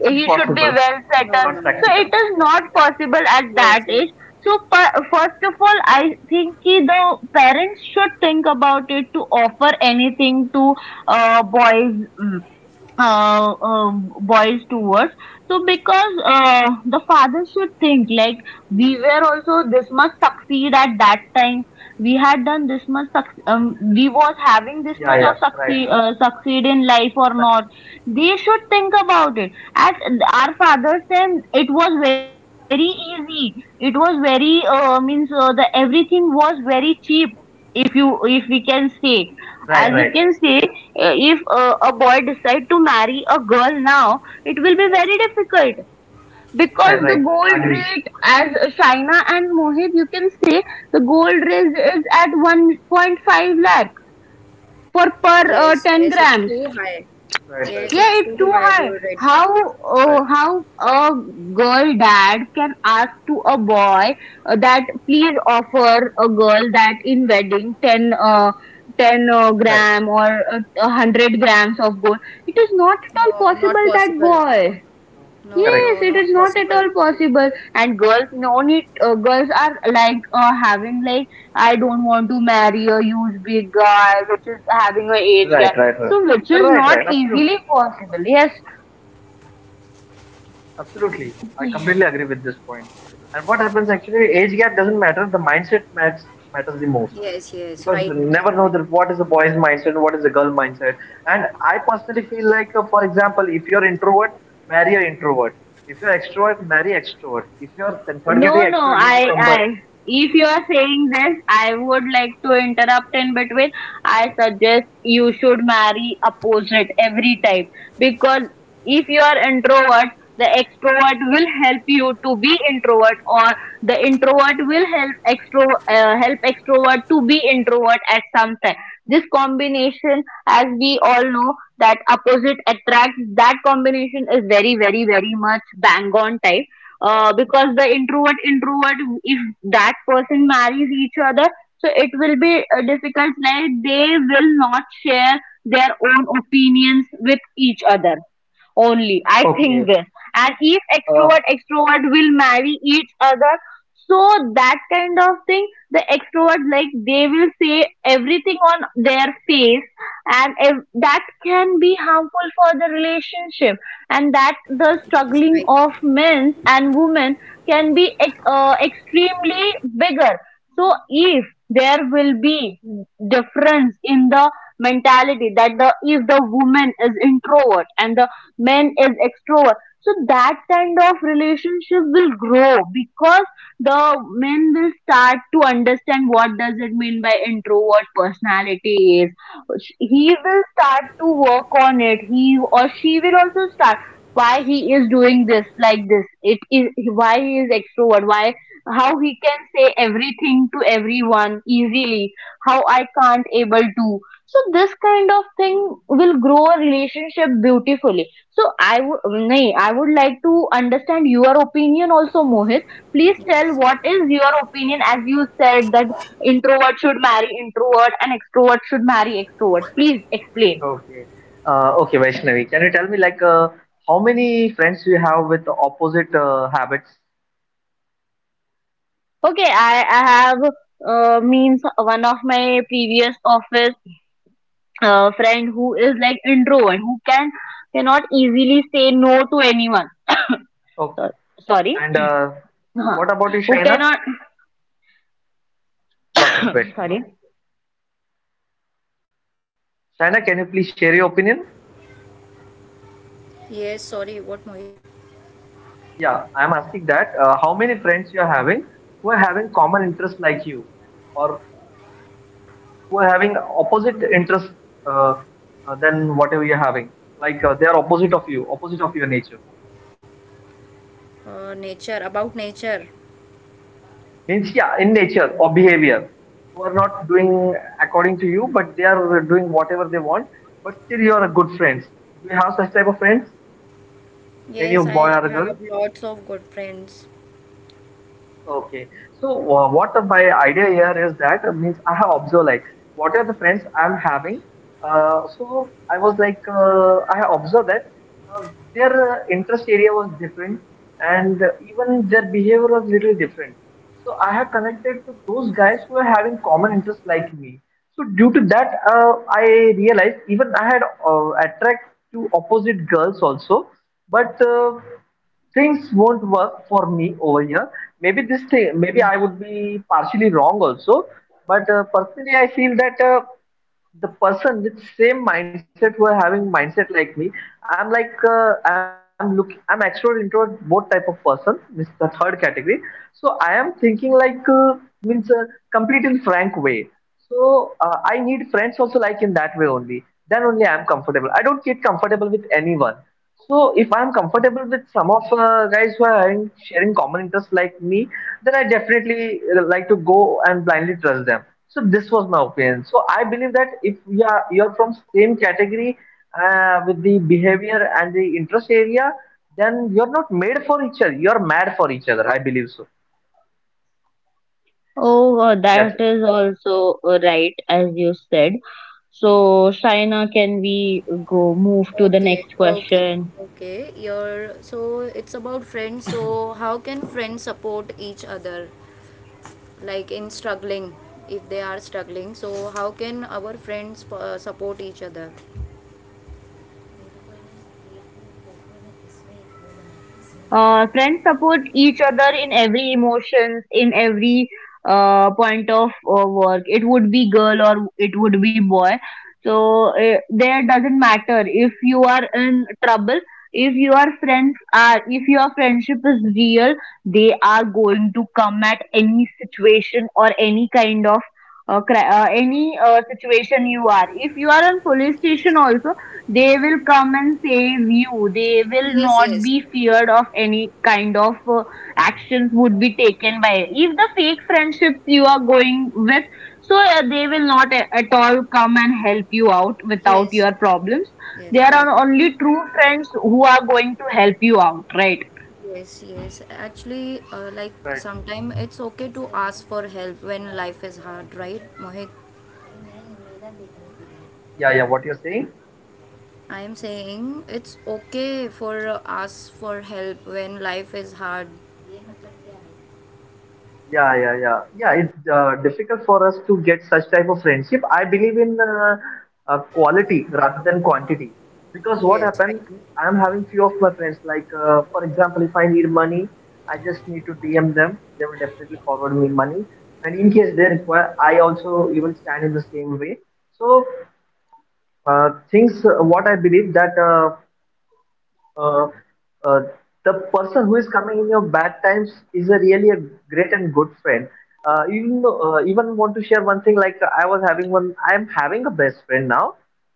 S3: he should be
S2: Impossible.
S3: well
S1: No.
S3: settled.
S2: Not
S1: No. No.
S3: So
S1: It's
S2: practical.
S3: it is
S1: not
S3: not
S1: possible.
S3: possible at that
S1: Yes.
S3: age. So first of all, I think ki the parents should think about it to offer anything to boys, mm, boys towards. So because the fathers should think like, we were also this much succeed at that time. We had done this much. We was having this
S2: Yeah,
S3: much
S2: yeah.
S3: of
S2: Right.
S3: succeed, succeed in life or
S2: Right,
S3: not. They should think about it. At our fathers' time, it was very easy. It was very, means, the everything was very cheap, if you if we can say, as you
S2: right,
S3: can
S2: right.
S3: say, if a boy decide to marry a girl now, it will be
S1: Yes.
S3: very difficult
S2: Right,
S3: because
S2: right,
S3: the
S2: right. Right.
S3: gold
S2: Agree.
S3: rate, as Shaina and Mohit, you can say the gold rate is at 1.5 lakh for per
S2: Right,
S1: Yes. Yes. Yes.
S3: 10
S1: It's
S3: grams.
S1: too high.
S2: right,
S1: Yes.
S2: right,
S1: It's
S2: right.
S3: Yeah, it's
S1: too
S3: too
S1: high. Gold
S3: high.
S1: red.
S2: Right, right.
S3: How a girl dad can ask to a boy that please offer a girl that in wedding 10
S2: Right.
S3: gram or 100 grams of gold. It is not at all
S1: No. Not
S3: possible that
S1: possible.
S3: boy.
S1: No. No.
S3: Yes,
S2: Correct.
S3: it
S1: Not
S3: is not at
S1: possible.
S3: all possible. And girls, no need. Girls are like, having like, I don't want to marry a huge big guy, which is having a age gap.
S2: Right, right, right.
S3: So which is
S2: Right,
S3: not
S2: right. Absolutely.
S3: easily possible. Yes,
S2: Absolutely. I completely agree with this point. And what happens actually, age gap doesn't matter. The mindset matters the most.
S1: Yes. Yes.
S2: Because you
S1: Right. Right.
S2: never know
S1: Mohit.
S2: that what is the boy's mindset and what is the girl mindset. And I personally feel like, for example, if you're introvert, marry an introvert. If you're extrovert, marry extrovert. If you're convert getting
S3: no, no,
S2: extrovert into convert.
S3: if you are saying this, I would like to interrupt in between. I suggest you should marry opposite every time because if you are introvert, the extrovert will help you to be introvert, or the introvert will help extro help extrovert to be introvert at some time. This combination, as we all know, that opposite attracts, that combination is very, very, very much bang on type, because the introvert introvert, if that person marries each other, so it will be difficult, like they will not share their own opinions with each other, only I think
S2: Okay.
S3: this, and each
S2: Uh,
S3: extrovert extrovert will marry each other. So that kind of thing, the extrovert, like they will say everything on their face, and if, that can be harmful for the relationship, and that the
S1: Yes,
S3: struggling
S1: right.
S3: of men and women can be extremely bigger. So if there will be difference in the mentality, that the, if the woman is introvert and the man is extrovert, so that kind of relationship will grow because the men will start to understand what does it mean by introvert personality is. He will start to work on it, he or she will also start, why he is doing this, like this it is, why he is extrovert, why, how he can say everything to everyone easily, how I can't able to. So this kind of thing will grow a relationship beautifully. So I would like to understand your opinion also, Mohit. Please tell what is your opinion, as you said that introvert should marry introvert and extrovert should marry extrovert. Please explain.
S2: okay. Okay, Vaishnavi, can you tell me like how many friends you have with opposite habits?
S3: Okay, I have, means, one of my previous office friend who is like introvert, who can, cannot easily say no to anyone.
S2: Okay.
S3: So- Sorry.
S2: And
S3: Huh.
S2: what about you,
S3: Who
S2: Shaina?
S3: cannot,
S2: Got it question.
S3: sorry.
S2: Shaina, can you please share your opinion?
S1: Yes, sorry, what Mohit?
S2: Yeah, I'm asking that. How many friends you are having who are having common interests like you, or who are having opposite interests uh, than whatever you're having? Like they are opposite of you, opposite of your nature.
S1: Nature, about nature.
S2: Means yeah, in nature or behavior, who are not doing according to you, but they are doing whatever they want. But still, you are a good friends. Do you have such type of friends? Any
S1: Yes, I
S2: boy or
S1: have
S2: girl?
S1: lots of good friends.
S2: Okay. So what my idea here is that means I have observed like what are the friends I'm having. So I was like I have observed that their interest area was different and even their behavior was little different. So I have connected to those guys who are having common interests like me. So due to that, I realized even I had attract to opposite girls also, but. Things won't work for me over here. Maybe this thing, maybe I would be partially wrong also. But personally, I feel that the person with same mindset who are having mindset like me, I'm like I'm look I'm extrovert introvert both type of person. This is the third category. So I am thinking like means a complete in frank way. So I need friends also like in that way only. Then only I'm comfortable. I don't get comfortable with anyone. So if I'm comfortable with some of guys who are having, sharing common interests like me, then I definitely like to go and blindly trust them. So this was my opinion. So I believe that if you're from same category with the behavior and the interest area, then you're not made for each other. You're mad for each other. I believe so.
S3: Oh,
S2: That's
S3: that
S2: it.
S3: is also right as you said. So, Shaina, can we go move to the
S1: Okay,
S3: next
S1: okay,
S3: question?
S1: okay. Your so it's about friends. So how can friends support each other, like in struggling, if they are struggling? So how can our friends support each other?
S3: Friends support each other in every emotions, in every point of work. It would be girl or it would be boy. So there doesn't matter if you are in trouble. If if your friendship is real, they are going to come at any situation or any kind of any situation you are. If you are in police station also, they will come and save you. They will
S1: Yes,
S3: not
S1: yes,
S3: be feared of any kind of actions would be taken by. If the fake friendships you are going with, so they will not at all come and help you out without
S1: yes,
S3: your problems. There
S1: yes. Correct.
S3: are only true friends who are going to help you out, right?
S1: Yes, yes. Actually, like
S2: Right.
S1: sometimes it's okay to ask for help when life is hard, right, Mohit?
S2: Yeah, yeah. What you're saying?
S1: I am saying it's okay for ask for help when life is hard.
S2: Yeah, yeah, yeah. Yeah, it's difficult for us to get such type of friendship. I believe in quality rather than quantity. Because what
S1: Yes, right.
S2: happens, I'm having few of my friends, like, for example, if I need money, I just need to DM them. They will definitely forward me money. And in case they require, I also even stand in the same way. So things, what I believe that uh, uh, the person who is coming in your bad times is a really a great and good friend. Even want to share one thing like I was having one. I am having a best friend now.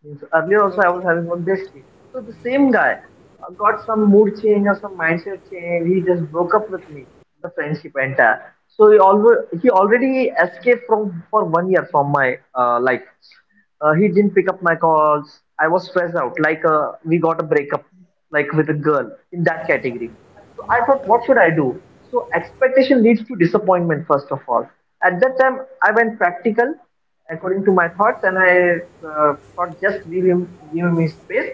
S2: Means earlier also I was
S1: Okay.
S2: having one bestie. So the same guy got some mood change or some mindset change. He just broke up with me. The friendship entire. So he already escaped from for 1 year from my life. He didn't pick up my calls. I was stressed out. Like we got a breakup like with a girl in that category. So I thought,
S1: Oh,
S2: what should I do? So expectation leads to disappointment, first of all. At that time, I went practical according to my thoughts, and I thought just leave him, give him his space,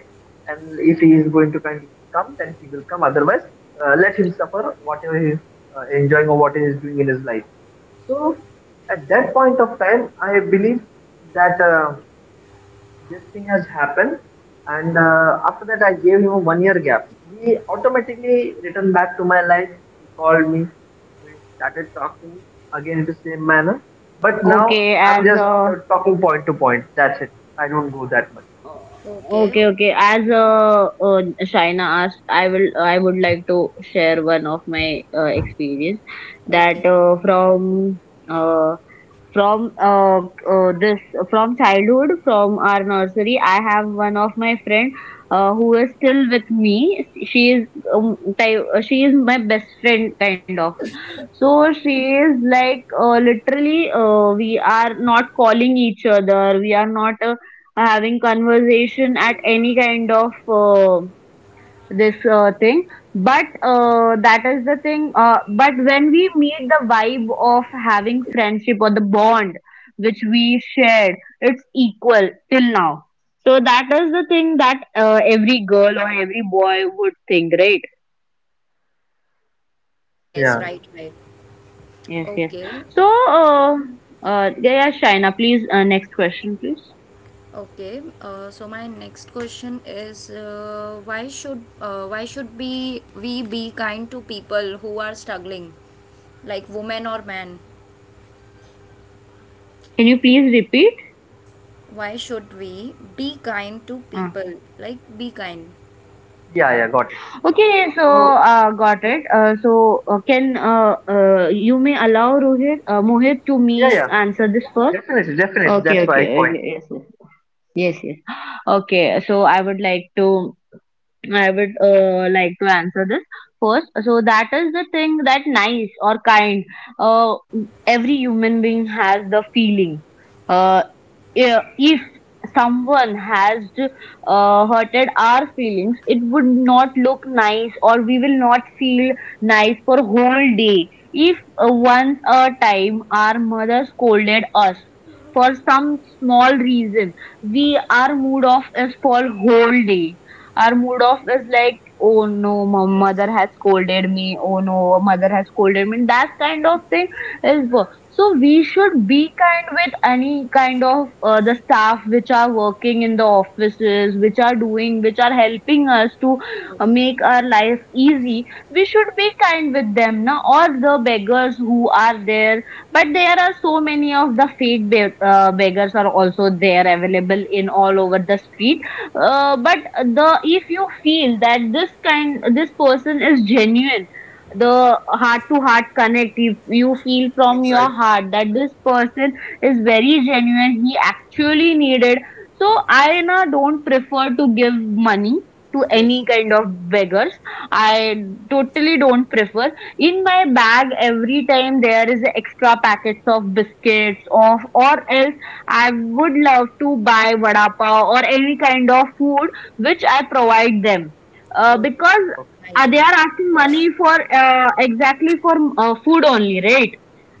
S2: and if he is going to kindly come, then he will come. Otherwise, let him suffer whatever he is enjoying or what he is doing in his life. So at that point of time, I believe that. This thing has happened and after that I gave him a 1 year gap. He automatically returned back to my life. He called me. We started talking again in the same manner, but now
S3: Okay,
S2: I'm
S3: as
S2: just talking point to point, that's it. I don't go that much.
S1: okay,
S3: okay,
S1: okay,
S3: okay. As Shaina asked, I would like to share one of my experience that
S1: okay.
S3: uh, from uh, from uh, uh, this from childhood, from our nursery. I have one of my friend, who is still with me. She is she is my best friend kind of. So she is like literally, we are not calling each other. We are not having conversation at any kind of this thing. But that is the thing. But when we meet, the vibe of having friendship or the bond which we shared, it's equal till now. So that is the thing that every girl or every boy would think, right?
S1: Yes,
S2: Yeah,
S1: right, right.
S3: Yes, yes.
S1: Okay.
S3: So, uh, yeah, yeah, Shaina, please, next question, please.
S1: Okay, so my next question is why should be we be kind to people who are struggling, like women or men?
S3: Can you please repeat?
S1: Why should we be kind to
S3: Uh,
S1: people? Like be kind.
S2: yeah, yeah, got it.
S3: okay, so
S2: So
S3: got it. So can You may allow Rohit, Mohit to
S2: yeah,
S3: me
S2: yeah,
S3: answer
S2: yeah,
S3: this first?
S2: definitely, definitely,
S3: Okay,
S2: that's why I
S3: okay,
S2: quit.
S3: okay, yes, yes, yes, yes. Okay, so I would like to answer this first. So that is the thing, that nice or kind. Uh, every human being has the feeling. Uh, if someone has hurted our feelings, it would not look nice, or we will not feel nice for whole day. If once a time our mother scolded us for some small reason, we our mood off is for whole day. Our mood off is like, oh no, my mother has scolded me. Oh no, mother has scolded me. That kind of thing so we should be kind with any kind of the staff which are working in the offices, which are doing, which are helping us to make our life easy. We should be kind with them, na? Or the beggars who are there, but there are so many of the beggars are also there, available in all over the street, but the if you feel that this kind, this person is genuine, the heart to heart connect, if you feel from
S1: Yes,
S2: Right.
S3: your heart that this person is very genuine, he actually needed. So I
S1: yes,
S3: na don't prefer to give money to
S1: Yes.
S3: any kind of beggars. I totally don't prefer. In my bag every time there is extra packets of biscuits of or else. I would love to buy vada pav or any kind of food which I provide them,
S1: Oh,
S3: because
S2: Okay.
S1: nice,
S3: they
S1: nice.
S3: are asking money for exactly for food only, right?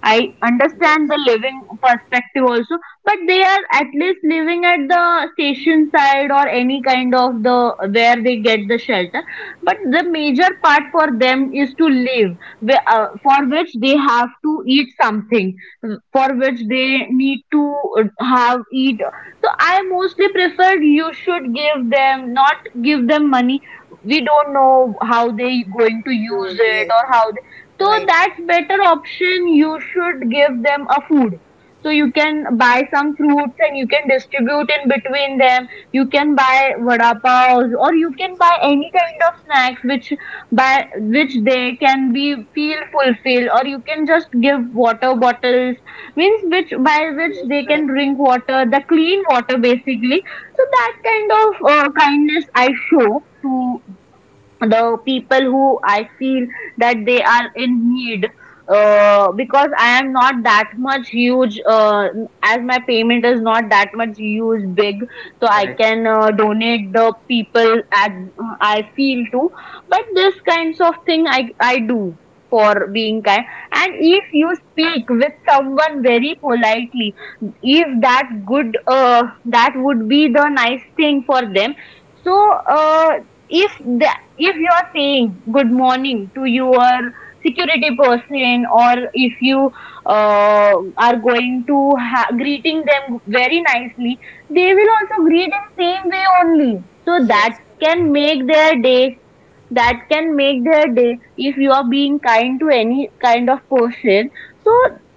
S3: I understand
S1: Yes,
S3: the living perspective also, but they are at least living at the station side or any kind of the where they get the shelter. But the major part for them is to live, for which they have to eat something. Mm, for which they need to have eat. So I mostly prefer, you should give them, not give them money. We don't know how they going to use
S1: used,
S3: it
S1: yes,
S3: or how they. So
S1: Right.
S3: that's better option, you should give them a food. So you can buy some fruits and you can distribute in between them. You can buy vada pav or you can buy
S1: yes,
S3: any
S1: very
S3: kind
S1: nice.
S3: of snacks which by which they can be feel fulfilled, or you can just give water bottles, means which by which
S1: Yes,
S3: they can
S1: correct.
S3: drink water, the clean water basically. So that kind of kindness I show to the people who I feel that they are in need, because I am not that much huge as my payment is not that much huge big. So I
S2: Right,
S3: can donate the people as I feel to. But this kinds of thing I do for being kind. And if you speak with someone very politely, if that good, that would be the nice thing for them. So if the, if you are saying good morning to your security person, or if you are going to ha- greeting them very nicely, they will also greet in same way only. So that
S1: Yes. Correct.
S3: can make their day. That can make their day if you are being kind to any kind of person. So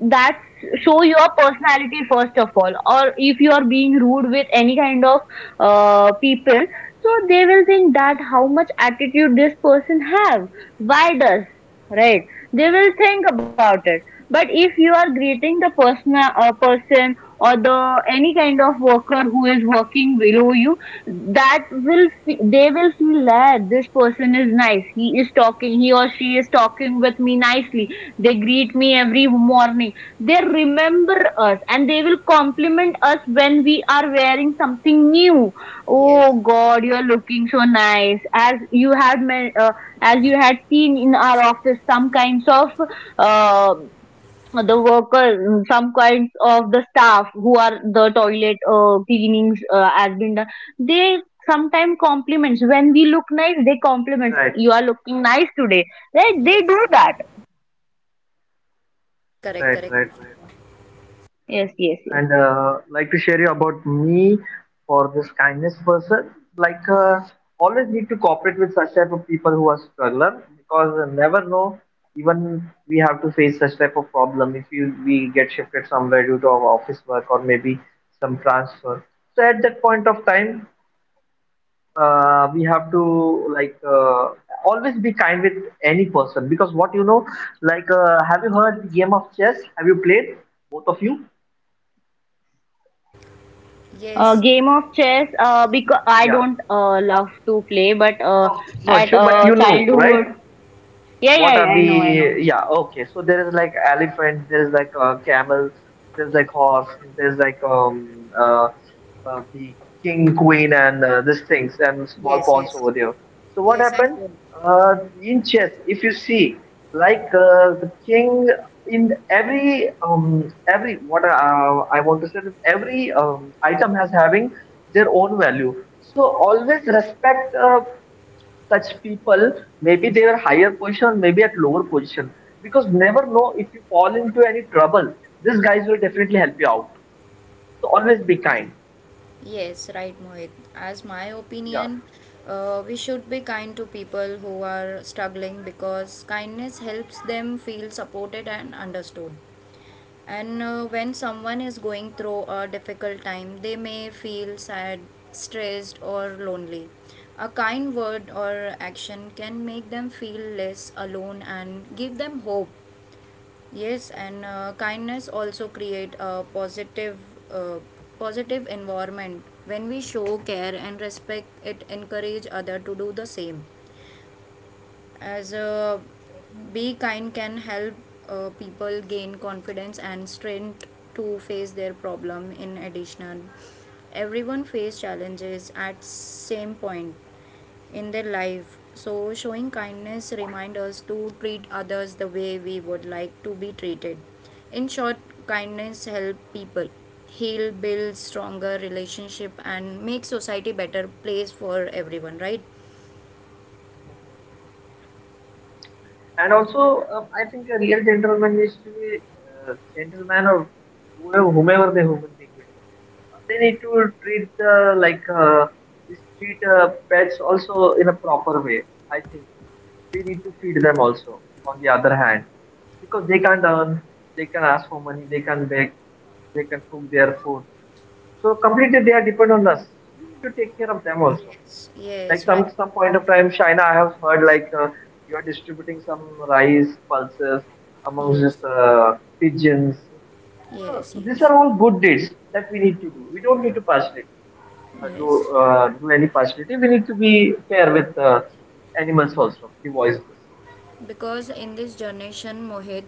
S3: that's, show your personality first of all. Or if you are being rude with any kind of people, so they will think that how much attitude this person have, why does, right, they will think about it. But if you are greeting the person, or the any kind of worker who is working below you, that they will feel that this person is nice, he is talking, he or she is talking with me nicely, they greet me every morning, they remember us, and they will compliment us when we are wearing something new.
S1: Yes.
S3: Oh God, you're looking so nice. As you had seen in our office, some kinds of uh, the worker, some kinds of the staff who are the toilet cleanings has been done. They sometimes compliments when we look nice. They compliments.
S2: right,
S3: You are looking nice today. Right? They
S1: Yes.
S3: do that.
S1: Yes. Correct.
S2: right,
S1: Correct.
S2: right, right.
S3: Yes, yes, yes.
S2: And like to share you about me for this kindness person. Like always need to cooperate with such type of people who are struggler, because never know, even we have to face such type of problem if you we get shifted somewhere due to our office work or maybe some transfer. So at that point of time, we have to like always be kind with any person, because what you know, like have you heard game of chess? Have you played both of you?
S1: Yes.
S3: Game of chess. Because I
S2: Yeah.
S3: don't love to play, but
S2: Oh, no
S3: at
S2: issue, but you know, right?
S3: childhood. Yeah, yeah,
S2: What are
S3: I know, I know.
S2: the, yeah, okay. So there is like elephant, there is like camel, there's like horse, there's like the king, queen, and these things, and small
S1: Yes,
S2: pawns
S1: yes,
S2: over there. So what
S1: Yes, I
S2: happened?
S1: will.
S2: In chess, if you see, like the king in every what I want to say that every item has having their own value. So always respect. Such people, maybe they are higher position maybe at lower position, because never know, if you fall into any trouble, these guys will definitely help you out. So always be kind.
S1: Yes, right, Mohit. As my opinion, we should be kind to people who are struggling because kindness helps them feel supported and understood. And when someone is going through a difficult time, they may feel sad, stressed, or lonely. A kind word or action can make them feel less alone and give them hope. Yes, and kindness also create a uh, positive environment. When we show care and respect, it encourage other to do the same. As be kind can help people gain confidence and strength to face their problem. In addition, everyone face challenges at same point in their life. So, showing kindness reminds us to treat others the way we would like to be treated. In short, kindness helps people heal, build stronger relationship, and make society better place for everyone. Right?
S2: Yeah. And also, I think a real gentleman needs to be gentleman or whoever, whomever the human being may be. They need to treat the like this treat pets also in a proper way. I think we need to feed them also. On the other hand, because they can't earn, they can ask for money, they can beg, they can cook their food. So completely they are dependent on us. So we need to take care of them also.
S1: Yes.
S2: Like
S1: Yes. Right.
S2: some point of time, China, I have heard like you are distributing some rice pulses amongst
S1: Yes.
S2: just pigeons. So
S1: Yes.
S2: these
S1: Yes.
S2: are all good deeds that we need to do. We don't need to partially
S1: Yes.
S2: do any partiality. We need to be fair with animals also, the voiceless.
S1: Because in this generation mohit,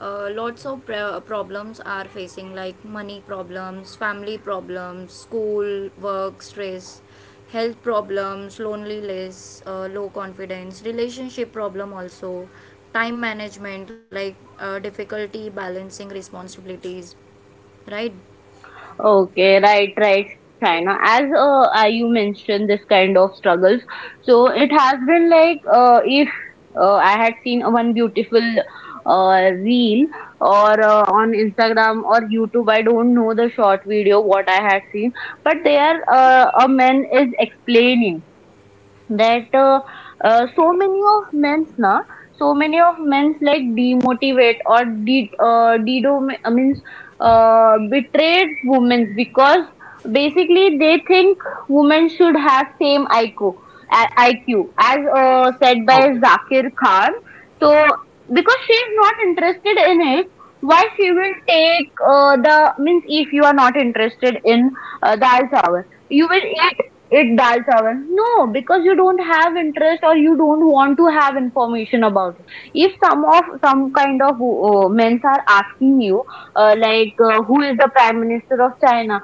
S2: Mhm.
S1: lots of problems are facing like money problems family problems school work stress health problems loneliness low confidence relationship problem also time management like difficulty balancing responsibilities right
S2: Right.
S3: Okay, right, right, Shaina. As you mentioned this kind of struggles, so it has been like if I had seen one beautiful reel or on Instagram or YouTube, I don't know the short video what I had seen, but there a man is explaining, that so many of men's na, so many of men's like demotivate or de dedom means betrayed women, because basically they think women should have same IQ, IQ as said by
S2: Okay,
S3: Zakir Khan. So, because she is not interested in it, why she will take the means. If you are not interested in the dal chawal, you will eat dal chawal? No, because you don't have interest or you don't want to have information about it. If some of some kind of men are asking you, like who is the prime minister of China,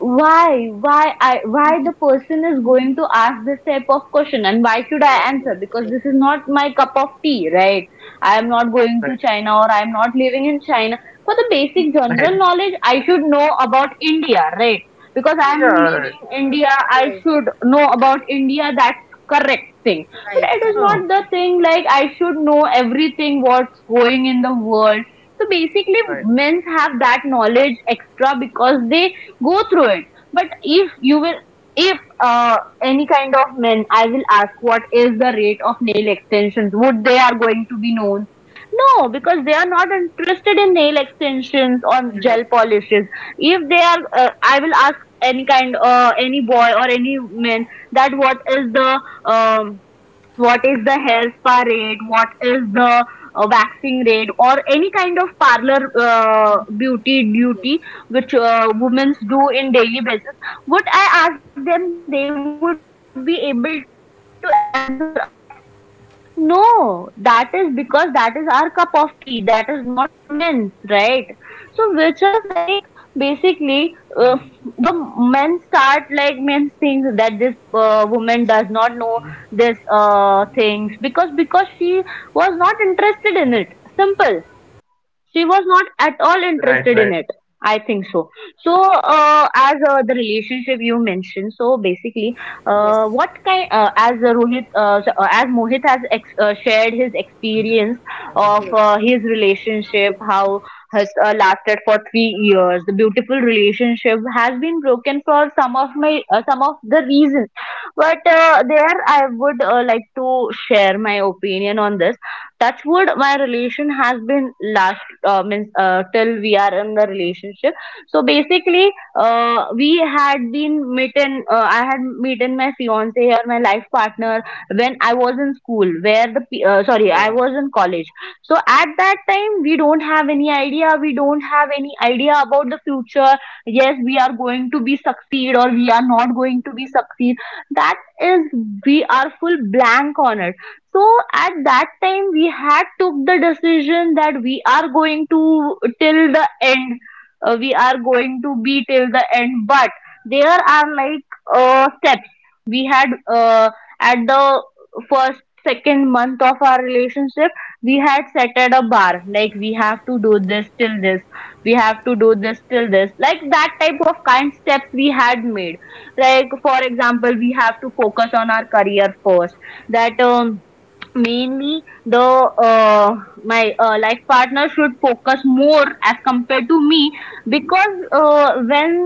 S3: why, why, I, why the person is going to ask this type of question, and why should I
S1: yes
S3: answer?
S1: yes
S3: Because
S1: right
S3: this is not my cup of tea, right? I am not going
S2: right,
S3: to China or I am not living in China. For the basic
S2: right.
S3: general knowledge, I should know about India, right? Because I
S1: yes
S2: Yeah,
S3: am
S2: right.
S3: leaving India, I
S1: yes
S3: should know about India. That's correct thing. But
S1: right
S3: it is
S1: correct
S3: not
S2: Oh,
S3: the thing like I should know everything what's going in the world. So basically,
S2: right,
S3: men have that knowledge extra because they go through it. But if you will, if uh, any kind of men, I will ask what is the rate of nail extensions? Would they are going to be known? No, because they are not interested in nail extensions or
S1: right
S3: gel polishes. If they are I will ask any boy or any man that what is the hair spa rate, what is the waxing rate, or any kind of parlor beauty duty which women do in daily basis. Would I ask them, they would be able to answer us? No, that is because that is our cup of tea. That is not men's, right? So which are like basically uh, the men start like men things, that this woman does not know this things, because she was not interested in it. Simple, she was not at all interested in it,
S2: right, right.
S3: I think so. So as the relationship you mentioned, so basically what
S1: yes
S3: kind as rohit so, as Mohit has shared his experience of
S1: yes
S3: his relationship how has lasted for 3 years, the beautiful relationship has been broken for some of my some of the reasons. But there I would like to share my opinion on this. Touch wood, my relation has been last, means till we are in the relationship. So basically we had been meeting, I had meeting my fiance or my life partner when I was in school, sorry,
S2: Oh
S3: I
S2: my
S3: was
S2: God.
S3: in college. So at that time we don't have any idea, we don't have any idea about the future. Yes, we are going to be succeed or we are not going to be succeed, that is, we are full blank on it. So at that time we had took the decision that we are going to till the end. We are going to be till the end. But there are like steps we had at the first second month of our relationship. We had set at a bar like we have to do this till this, we have to do this till this, like that type of kind steps we had made. Like for example, we have to focus on our career first. That mainly the uh, my life partner should focus more as compared to me. Because when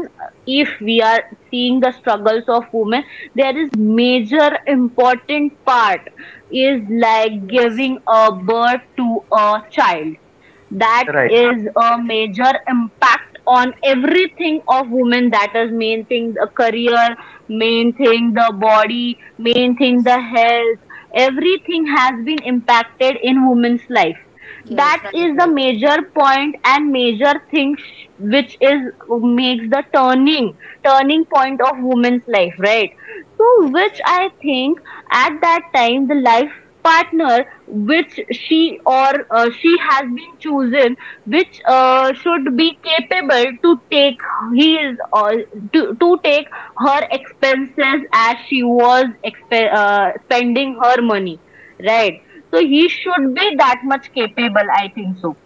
S3: if we are seeing the struggles of women, there is major important part is like
S1: yes
S3: giving a birth to a child. That
S2: Right,
S3: is a major impact on everything of women. That is main thing the career, main thing the body, main thing the health. Everything has been impacted in women's life.
S1: yes
S3: That
S1: right
S3: is the
S1: right
S3: major point and major thing which is makes the turning point of women's life, right? So
S1: yes
S3: which
S2: right.
S3: I think at that time, the life partner which she or she has been chosen, which should be capable to take his or to take her expenses as she was spending her money, right? So he should be that much capable, I think so.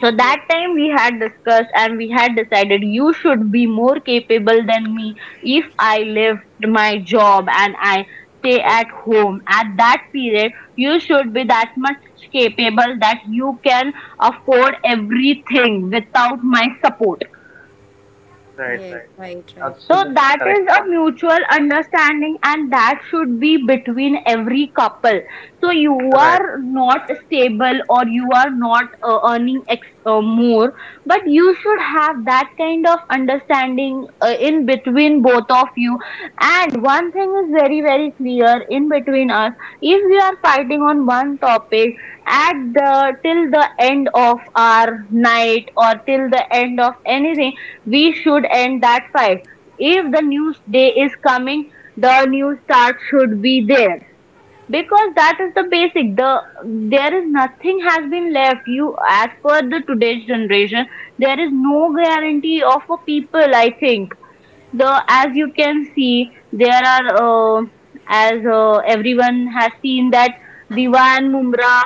S3: So
S1: Ye-
S3: that time we had discussed and we had decided you should be more capable than me. If I left my job and I stay at
S2: Okay,
S3: home, at that period, you should be that much capable that you can afford everything without my support.
S2: right,
S1: Yes,
S2: right,
S1: right,
S2: right.
S1: right.
S3: So
S2: Absolutely
S3: that
S2: correct
S3: is a
S2: point.
S3: mutual understanding and that should be between every couple. So you
S2: Right.
S3: are not stable or you are not earning more, but you should have that kind of understanding in between both of you. And one thing is very, very clear in between us. If we are fighting on one topic at the till the end of our night or till the end of anything, we should end that fight. If the news day is coming, the news start should be there, because that is the basic. The there is nothing has been left. You as per the today's generation, there is no guarantee of a people. I think the, as you can see, there are as everyone has seen that Diwan Mumra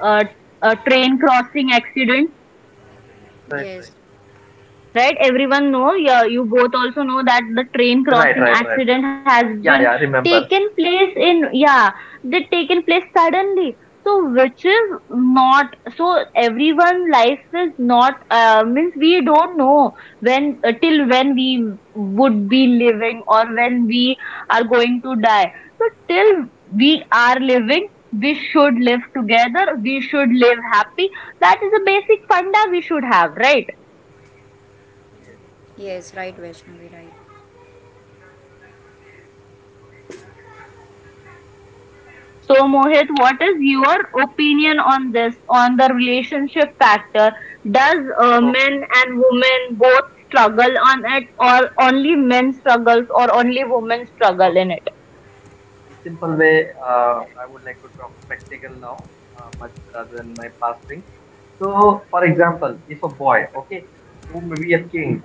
S3: uh, train crossing accident,
S2: Right,
S1: Yes,
S3: right? Everyone know, yeah, you both also know that the train
S2: right,
S3: crossing
S2: right, right, right.
S3: accident has been
S2: Yeah, yeah.
S3: taken
S2: Remember.
S3: place in, yeah, they taken place suddenly. So which is not so everyone life is not means we don't know when till when we would be living or when we are going to die. So till we are living, we should live together, we should live happy. That is a basic funda we should have, right?
S2: Yes, yes.
S1: yes, right, Vaishnavi, right.
S3: So, Mohit, what is your opinion on this, on the relationship factor? Does
S2: Okay,
S3: men and women both struggle on it, or only men struggles, or only women struggle in
S2: okay.
S3: it?
S2: In simple way, I would like to talk practical now, much rather than my past thing. So, for example, if a boy, okay, who may be a king,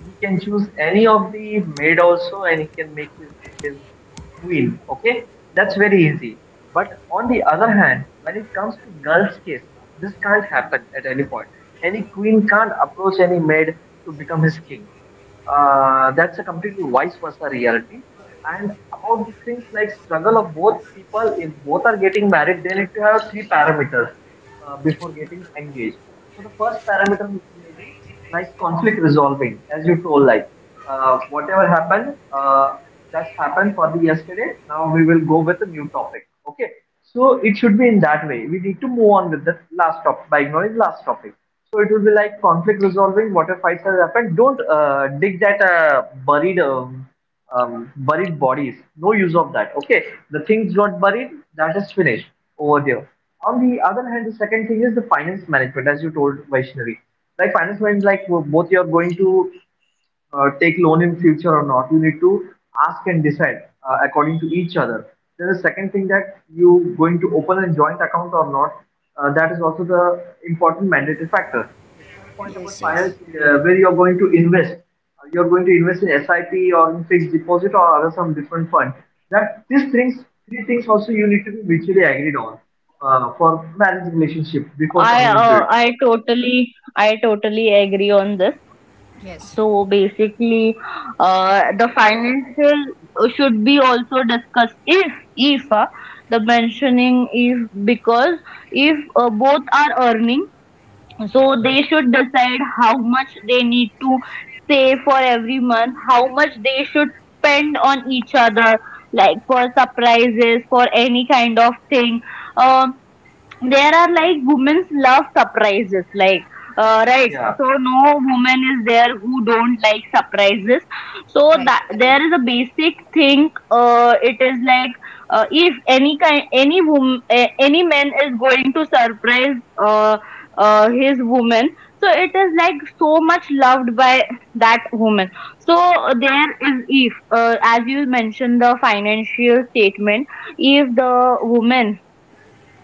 S2: he can choose any of the maid also, and he can make his name his queen. Okay, that's very easy. But on the other hand, when it comes to girls' case, this can't happen at any point. Any queen can't approach any maid to become his king. That's a completely vice versa reality. And about the things like struggle of both people, if both are getting married, they need to have three parameters before getting engaged. So the first parameter may be like conflict resolving, as you told, like whatever happened, that's happened for the yesterday. Now we will go with a new topic. Okay. So it should be in that way. We need to move on with the last topic by ignoring last topic. So it will be like conflict resolving. Whatever fights has happened, don't dig that buried bodies. No use of that. Okay. The things got buried. That is finished over there. On the other hand, the second thing is the finance management, as you told Vaishnavi. Like finance management, like both you are going to take loan in future or not, you need to ask and decide according to each other. Then the second thing, that you going to open a joint account or not, that is also the important mandatory factor. The third point
S1: Yes,
S2: about
S1: yes,
S2: finance, where you are going to invest, you are going to invest in SIP or in fixed deposit or other some different fund. That these things, three things also you need to be mutually agreed on for marriage relationship before
S3: I
S2: coming into
S3: uh,
S2: it.
S3: I totally I totally agree on this.
S1: yes,
S3: So basically, the financial should be also discussed if the mentioning if, because if both are earning, so they should decide how much they need to save for every month, how much they should spend on each other, like for surprises, for any kind of thing. Um, there are like women's love surprises like right.
S2: Yeah.
S3: So no
S2: Yes,
S3: woman is there who don't like surprises. So
S1: right,
S3: that
S2: right,
S1: correct.
S3: there is a basic thing, it is like if any kind any woman, any man is going to surprise uh, his woman, so it is like so much loved by that woman. So there is if as you mentioned the financial statement, if the woman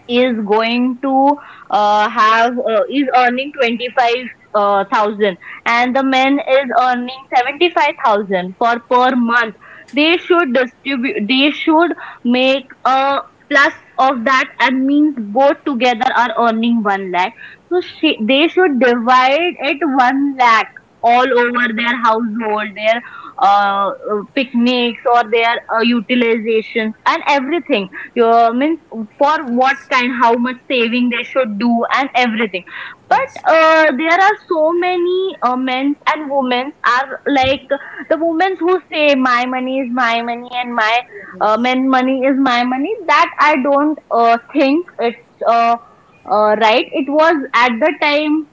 S3: is going to have is earning 25,000 and the man is earning 75,000 for per month, they should distribute, they should make a plus of that, and means both together are earning 1 lakh. So she, they should divide it 1 lakh all over their household, their picnics or their utilization and everything. Means for what kind, how much saving they should do, and everything. But
S1: Yes,
S3: there are so many men and women are like the women who say my money is my money and my
S1: yes,
S3: men money is my money. That I don't think it's right. It was at the time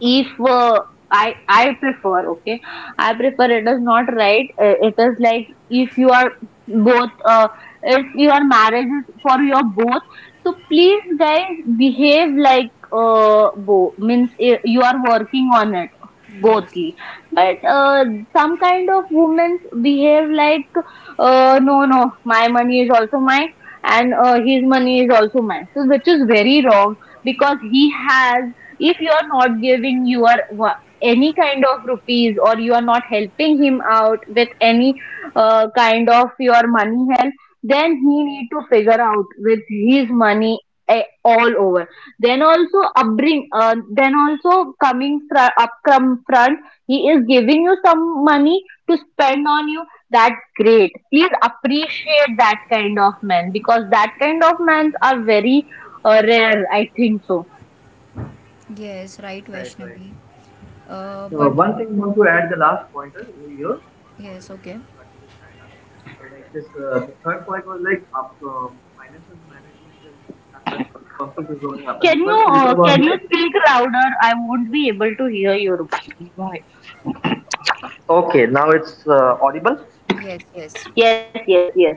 S3: if I prefer, okay, I prefer it is not right. It is like if you are both, if your marriage is for your both, so please guys, behave like both, means you are working on it
S1: yes,
S3: bothly. But some kind of women behave like no no my money is also mine and his money is also mine, so which is very wrong. Because he has, if you are not giving your any kind of rupees or you are not helping him out with any kind of your money help, then he need to figure out with his money, all over. Then also upbring, then also coming up from front, he is giving you some money to spend on you. That's great, please appreciate that kind of men, because that kind of men are very rare, I think so.
S1: yes, right,
S2: right,
S1: Vaishnavi.
S2: right. And
S1: But
S2: one thing I want to add, the last pointer over here.
S1: yes,
S2: Sorry
S1: okay.
S2: to cut you, China. Like this, the third point was like up, finances management is happen, conflict is only happen. The third filter was
S3: Can you
S2: like,
S3: speak louder? I won't be able to hear your voice.
S2: okay, now it's audible.
S1: Yes, yes,
S3: Yes, yes, yes.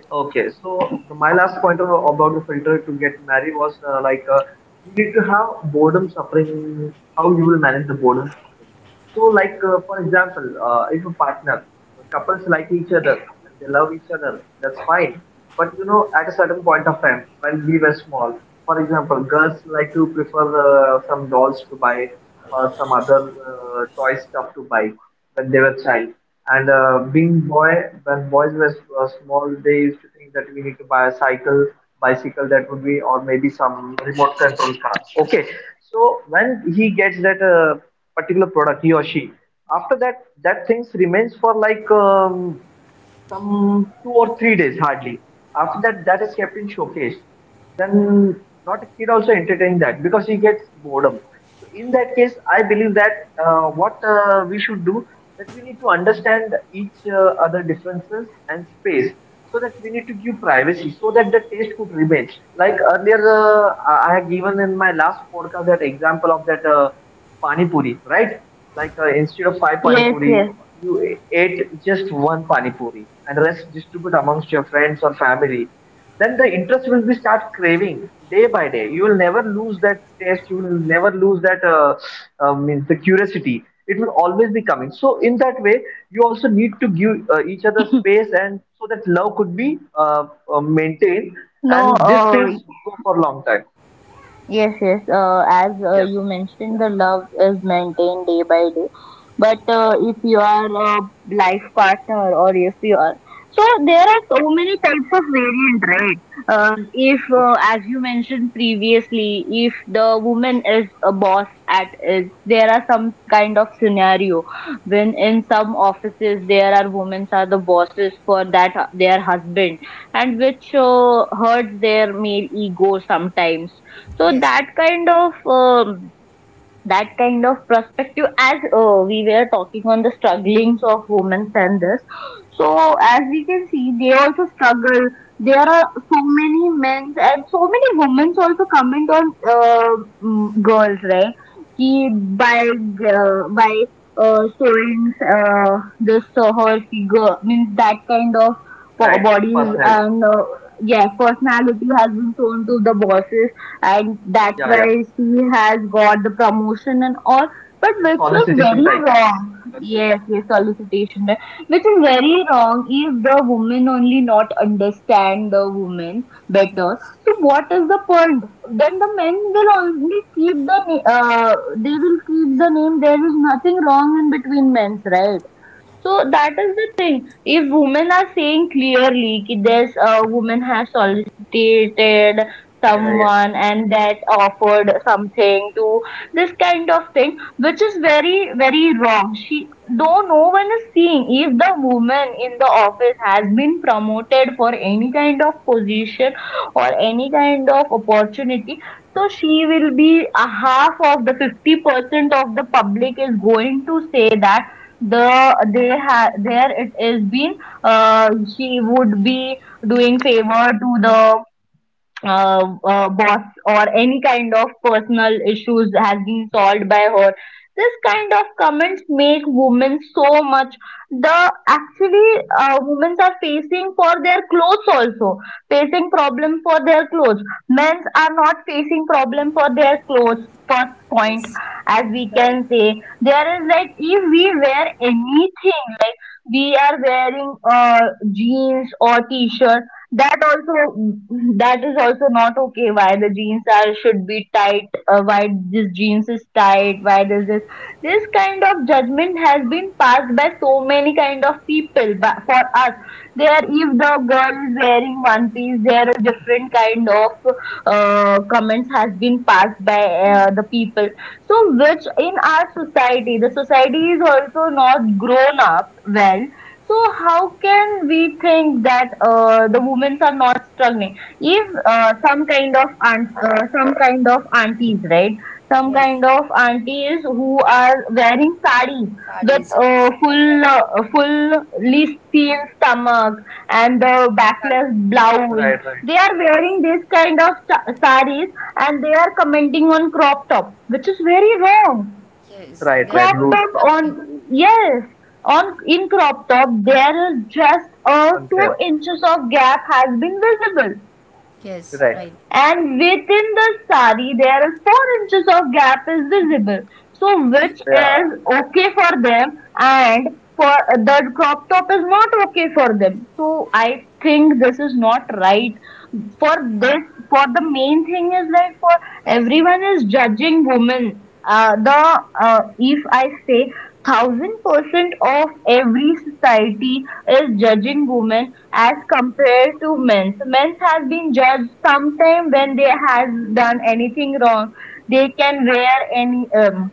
S2: Okay, so the, my last point of, about the filter to get married was like you need to have boredom suffering, how you will manage the boredom suffering. So, like for example, if a partner, couples like each other and they love each other, that's fine. But you know, at a certain point of time when we were small, for example, girls like to prefer some dolls to buy or some other toy stuff to buy when they were child. And being boy, when boys were small, they used to think that we need to buy a cycle, bicycle that would be, or maybe some remote control car. Okay, so when he gets that particular product, he or she, after that, that things remains for like. Some 2 or 3 days hardly. After that, that is kept in showcase. Then not a kid also entertain that because he gets boredom. So in that case, I believe that what we should do, that we need to understand each other differences and space, so that we need to give privacy so that the taste could remain. Like earlier, I had given in my last podcast that example of that. Pani puri, right? Like instead of five pani
S3: Yes,
S2: puri,
S3: yes.
S2: you ate just one pani puri and rest distribute amongst your friends or family. Then the interest will be start craving day by day. You will never lose that taste. You will never lose that means the curiosity. It will always be coming. So in that way, you also need to give each other space and so that love could be maintained
S3: No,
S2: and these things go for a long time.
S3: yes, yes. As
S2: Yes.
S3: you mentioned, the love is maintained day by day. But if you are a life partner, or if you are, so there are so many types of variant, right? If
S2: Okay.
S3: as you mentioned previously, if the woman is a boss at, is there are some kind of scenario when in some offices there are women are the bosses for that their husband, and which hurts their male ego sometimes. So
S1: yes,
S3: that kind of, that kind of perspective, as we were talking on the strugglings of women and this. So as we can see, they also struggle. There are so many men and so many women also comment on uh, girls, right? Ki by showing this her figure means that kind of
S2: Right.
S3: bodies
S2: Personality.
S3: and yeah, personality has been shown to the bosses, and that's
S2: Yeah.
S3: why
S2: Yeah.
S3: she has got the promotion and all, but
S2: Then
S3: which is
S2: solicitation
S3: very
S2: type,
S3: wrong.
S2: you're saying.
S3: Yes, yes, solicitation, right. Which is very wrong. If the woman only not understand the woman better,
S1: yes,
S3: so what is the point? Then the men will only keep the they will keep the name. There is nothing wrong in between men's, right? So that is the thing. If women are saying clearly that this woman has solicited
S2: Yeah, yeah.
S3: someone and that offered something to this kind of thing, which is very, very wrong. She, though no one is seeing, if the woman in the office has been promoted for any kind of position or any kind of opportunity, so she will be a half of the 50% of the public is going to say that the they have there it is been, uh, she would be doing favor to the boss, or any kind of personal issues has been solved by her. This kind of comments make women so much. The, actually women are facing for their clothes also, facing problem for their clothes. Men are not facing problem for their clothes. First
S1: yes,
S3: point, as we
S1: correct.
S3: can say, there is like if we wear anything, we are wearing jeans or t-shirt, that also, that is also not okay. Why the jeans are should be tight, why this jeans is tight, why this this kind of judgment has been passed by so many kind of people. But for us, there, if the girl is wearing one piece, there are different kind of comments has been passed by the people. So, which in our society, the society is also not grown up well. So, how can we think that the women are not struggling? If some kind of some kind of aunties, right?
S1: Yes,
S3: Some kind of aunties who are wearing sari
S1: sarees,
S3: with
S1: sarees, right, right.
S3: full fully seen stomach and the
S1: Sari,
S3: backless blouse,
S2: Right, right,
S3: they are
S1: Yes,
S3: wearing this kind of saris and they are commenting on crop top, which is very wrong.
S1: yes, they are
S2: right, right.
S1: also
S3: Crop
S2: Rude
S3: top
S2: thing
S1: judging.
S3: on, yes, on in crop top there is just a two
S2: unfair.
S3: inches of gap has been visible,
S1: Yes, right.
S2: Right.
S3: and within the sari there is 4 inches of gap is visible. So which is
S2: Yeah.
S3: okay for them, and for the crop top is not okay for them. So I think this is not right. For this, for the main thing is like for everyone is judging women. The If I say 1000% of every society is judging women as compared to men. So men has been judged sometime when they has done anything wrong. They can wear any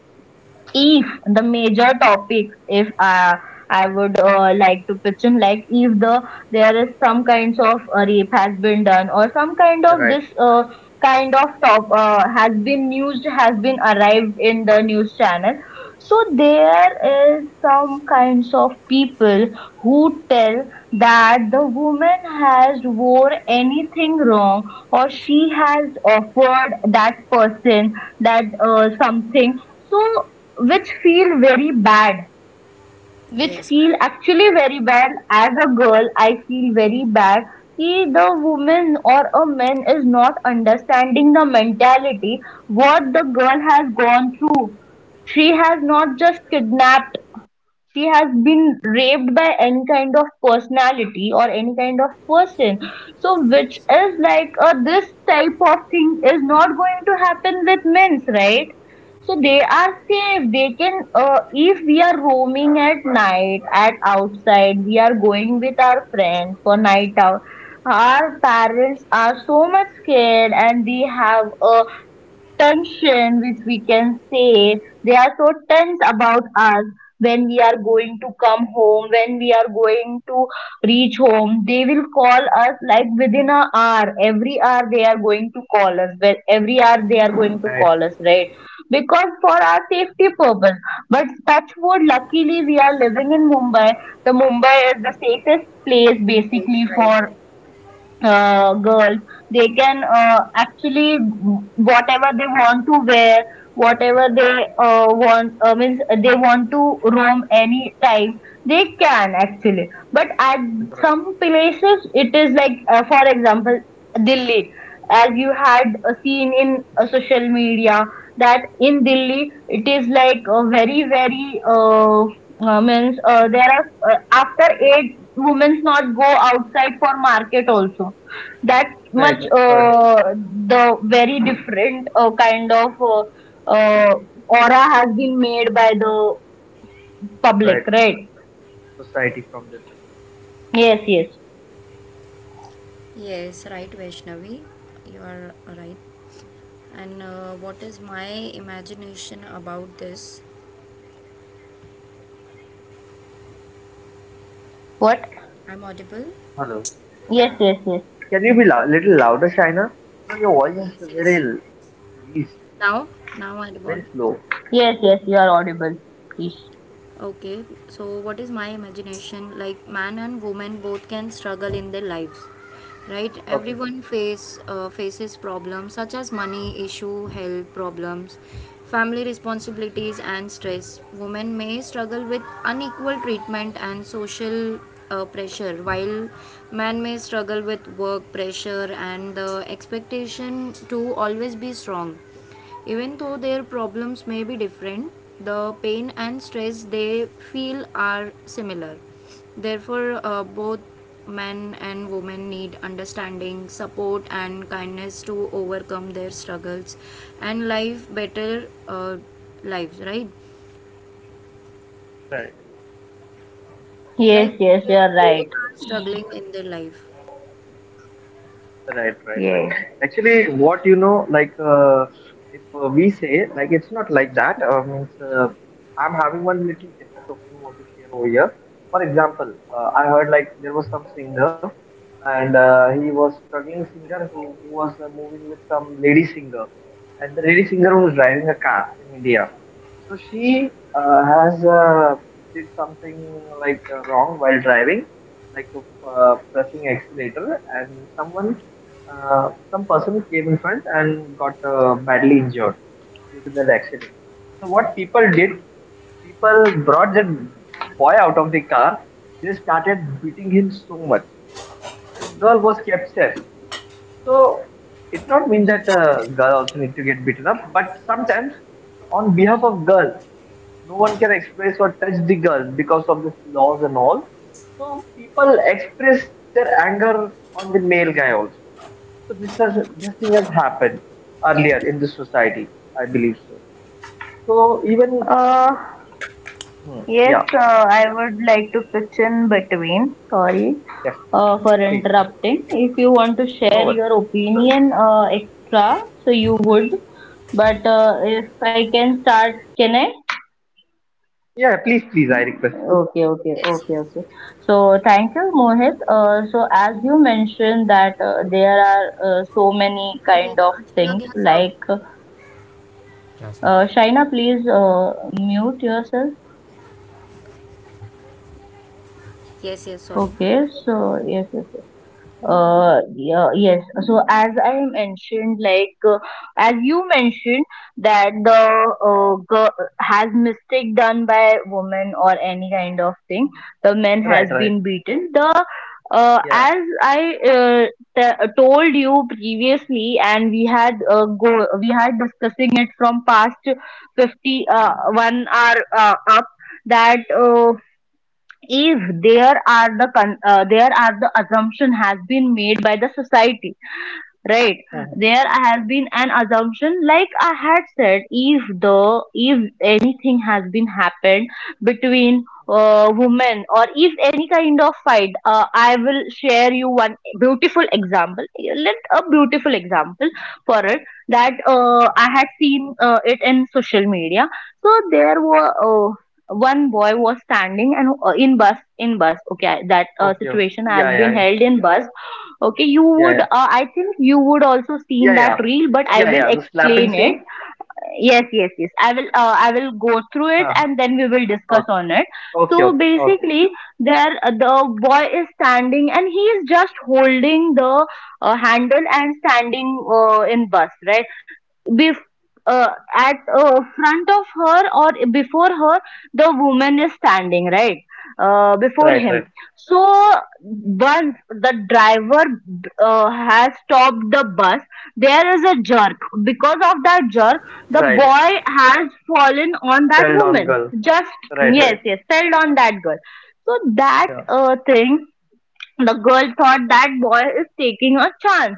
S3: if the major topic, if I would like to mention, like, if there is some kinds of rape has been done, or some kind of
S2: Right.
S3: this kind of top has been used, has been arrived in the news channel. So there is some kinds of people who tell that the woman has wore anything wrong, or she has offered that person that something. So which feel very bad,
S1: Yes,
S3: which
S1: correct.
S3: feel actually
S2: Right.
S3: very bad. As a girl, I feel very bad कि the woman or a man is not understanding the mentality, what the girl has gone through. She has not just kidnapped, she has been raped by any kind of personality or any kind of person. So
S1: Yes,
S3: which is like, this type of thing is not going to happen with men's, right? So they are safe. They can if we are roaming at night at outside, we are going with our friends for night out, our parents are so much scared, and they have a tension, which we can say they are so tense about us. When we are going to come home, when we are going to reach home, they will call us, like within a hour, every hour they are going to call us, well every hour they are going to
S2: Right.
S3: call us, right? Because for our safety purpose. But touch wood, luckily we are living in Mumbai. The Mumbai is the safest place
S1: yes,
S3: basically
S1: right, right.
S3: for girl. They can actually whatever they want to wear, whatever they want means they want to roam any time. They can actually, but at
S2: Right.
S3: some places it is like, for example, Delhi. As you had seen in social media, that in Delhi it is like very, very. Means there are after 8 women's not go outside for market also, that
S2: Right.
S3: much
S2: Right.
S3: the very different kind of uh, aura has been made by the
S2: Right.
S3: public, right?
S2: Society from this.
S3: Yes, yes.
S1: Yes, right, Vaishnavi. You are right. And what is my imagination about this?
S3: What?
S1: I'm audible?
S2: Hello.
S3: yes, yes. Yes,
S2: Can you be lou- little louder, Shaina? Because your voice
S1: Yes,
S2: is very
S1: yes.
S2: l- least,
S1: Now? Now I'm audible.
S2: very slow.
S3: yes, yes, you are audible. Please.
S1: Okay, so what is my imagination? Like man and woman both can struggle in their lives, right?
S2: Okay.
S1: Everyone faces problems such as money issue, health problems, family responsibilities, and stress. Women may struggle with unequal treatment and social pressure, while man may struggle with work pressure and the expectation to always be strong even though their problems may be different, the pain and stress they feel are similar. Therefore, both men and women need understanding, support, and kindness to overcome their struggles and live better lives, right?
S2: Right.
S3: Yes,
S1: Like
S3: yes, you
S1: they
S3: are right.
S1: both are struggling in their life.
S2: Right, right, right. Actually, what you know, like if we say, like it's not like that. Means I'm having one little different opinion I want to share over here. For example, I heard like there was some singer, and he was struggling singer who was moving with some lady singer, and the lady singer was driving a car in India. So she has did something like wrong while driving, like pressing accelerator, and someone, some person came in front and got badly injured due to that accident. So what people did, people brought that boy out of the car. They started beating him so much, and girl was kept safe. So it not mean that girl also need to get beaten up, but sometimes on behalf of girl, no one can express or touch the girl because of this laws and all. So people express their anger on the male guy also. So this thing has happened earlier in this society, I believe so. So even
S3: uh
S2: hmm,
S3: Yes,
S2: yeah,
S3: I would like to pitch in between. Sorry,
S2: definitely.
S3: for
S2: Please, no worry,
S3: interrupting. If you want to share
S2: no worry.
S3: your
S2: You're most welcome.
S3: opinion extra, so you would. But if I can start, can I?
S2: Yeah, please, please, I request
S3: Okay, okay,
S1: Yes,
S3: okay,
S1: yes.
S3: okay. So thank you, Mohit. So as you mentioned that there are so many
S1: I
S3: kind
S1: guess
S3: of
S1: aaj lag
S3: things,
S1: gaya sab.
S3: like, Shaina, please mute yourself.
S1: Yes, yes, sorry.
S3: Okay, so yes, yes, yes. Yeah, yes. So as I mentioned, like, as you mentioned, that the girl has mistake done by woman or any kind of
S2: you.
S3: thing, the man
S2: Right,
S3: has
S2: right.
S3: been beaten. The
S2: Yeah.
S3: As I told you previously, and we had go we had discussing it from past 50 1 hour up that. If there are the there are, the assumption has been made by the society, right?
S2: Mhm.
S3: There has been an assumption, like I had said, if the if anything has been happened between women, or if any kind of fight, I will share you one beautiful example. Let a beautiful
S2: Okay.
S3: example for it. That I had seen it in social media. So there were one boy was standing and in bus, okay, that
S2: Okay, okay.
S3: situation has
S2: Yeah, yeah,
S3: been
S2: yeah,
S3: held in bus. Okay, you
S2: yeah,
S3: would,
S2: yeah,
S3: I think you would also seen
S2: yeah,
S3: that
S2: yeah.
S3: reel, but I
S2: Yeah,
S3: will
S2: yeah, the slapping
S3: explain it.
S2: scene.
S3: Yes, yes, yes. I will go through it,
S2: Uh-huh.
S3: and then we will discuss
S2: Okay,
S3: on it.
S2: okay,
S3: So
S2: okay, okay.
S3: basically, the boy is standing and he is just holding the handle and standing in bus, right? bef- uh, at front of her, or before her the woman is standing, right? Before
S2: Right,
S3: him.
S2: right,
S3: So once the driver has stopped the bus, there is a jerk. Because of that jerk, the
S2: right.
S3: boy has fallen on that
S2: Fell down
S3: woman,
S2: girl.
S3: just —
S2: Right,
S3: yes,
S2: right.
S3: yes, fell on that girl. So that
S2: Yeah.
S3: thing, the girl thought that boy is taking a chance.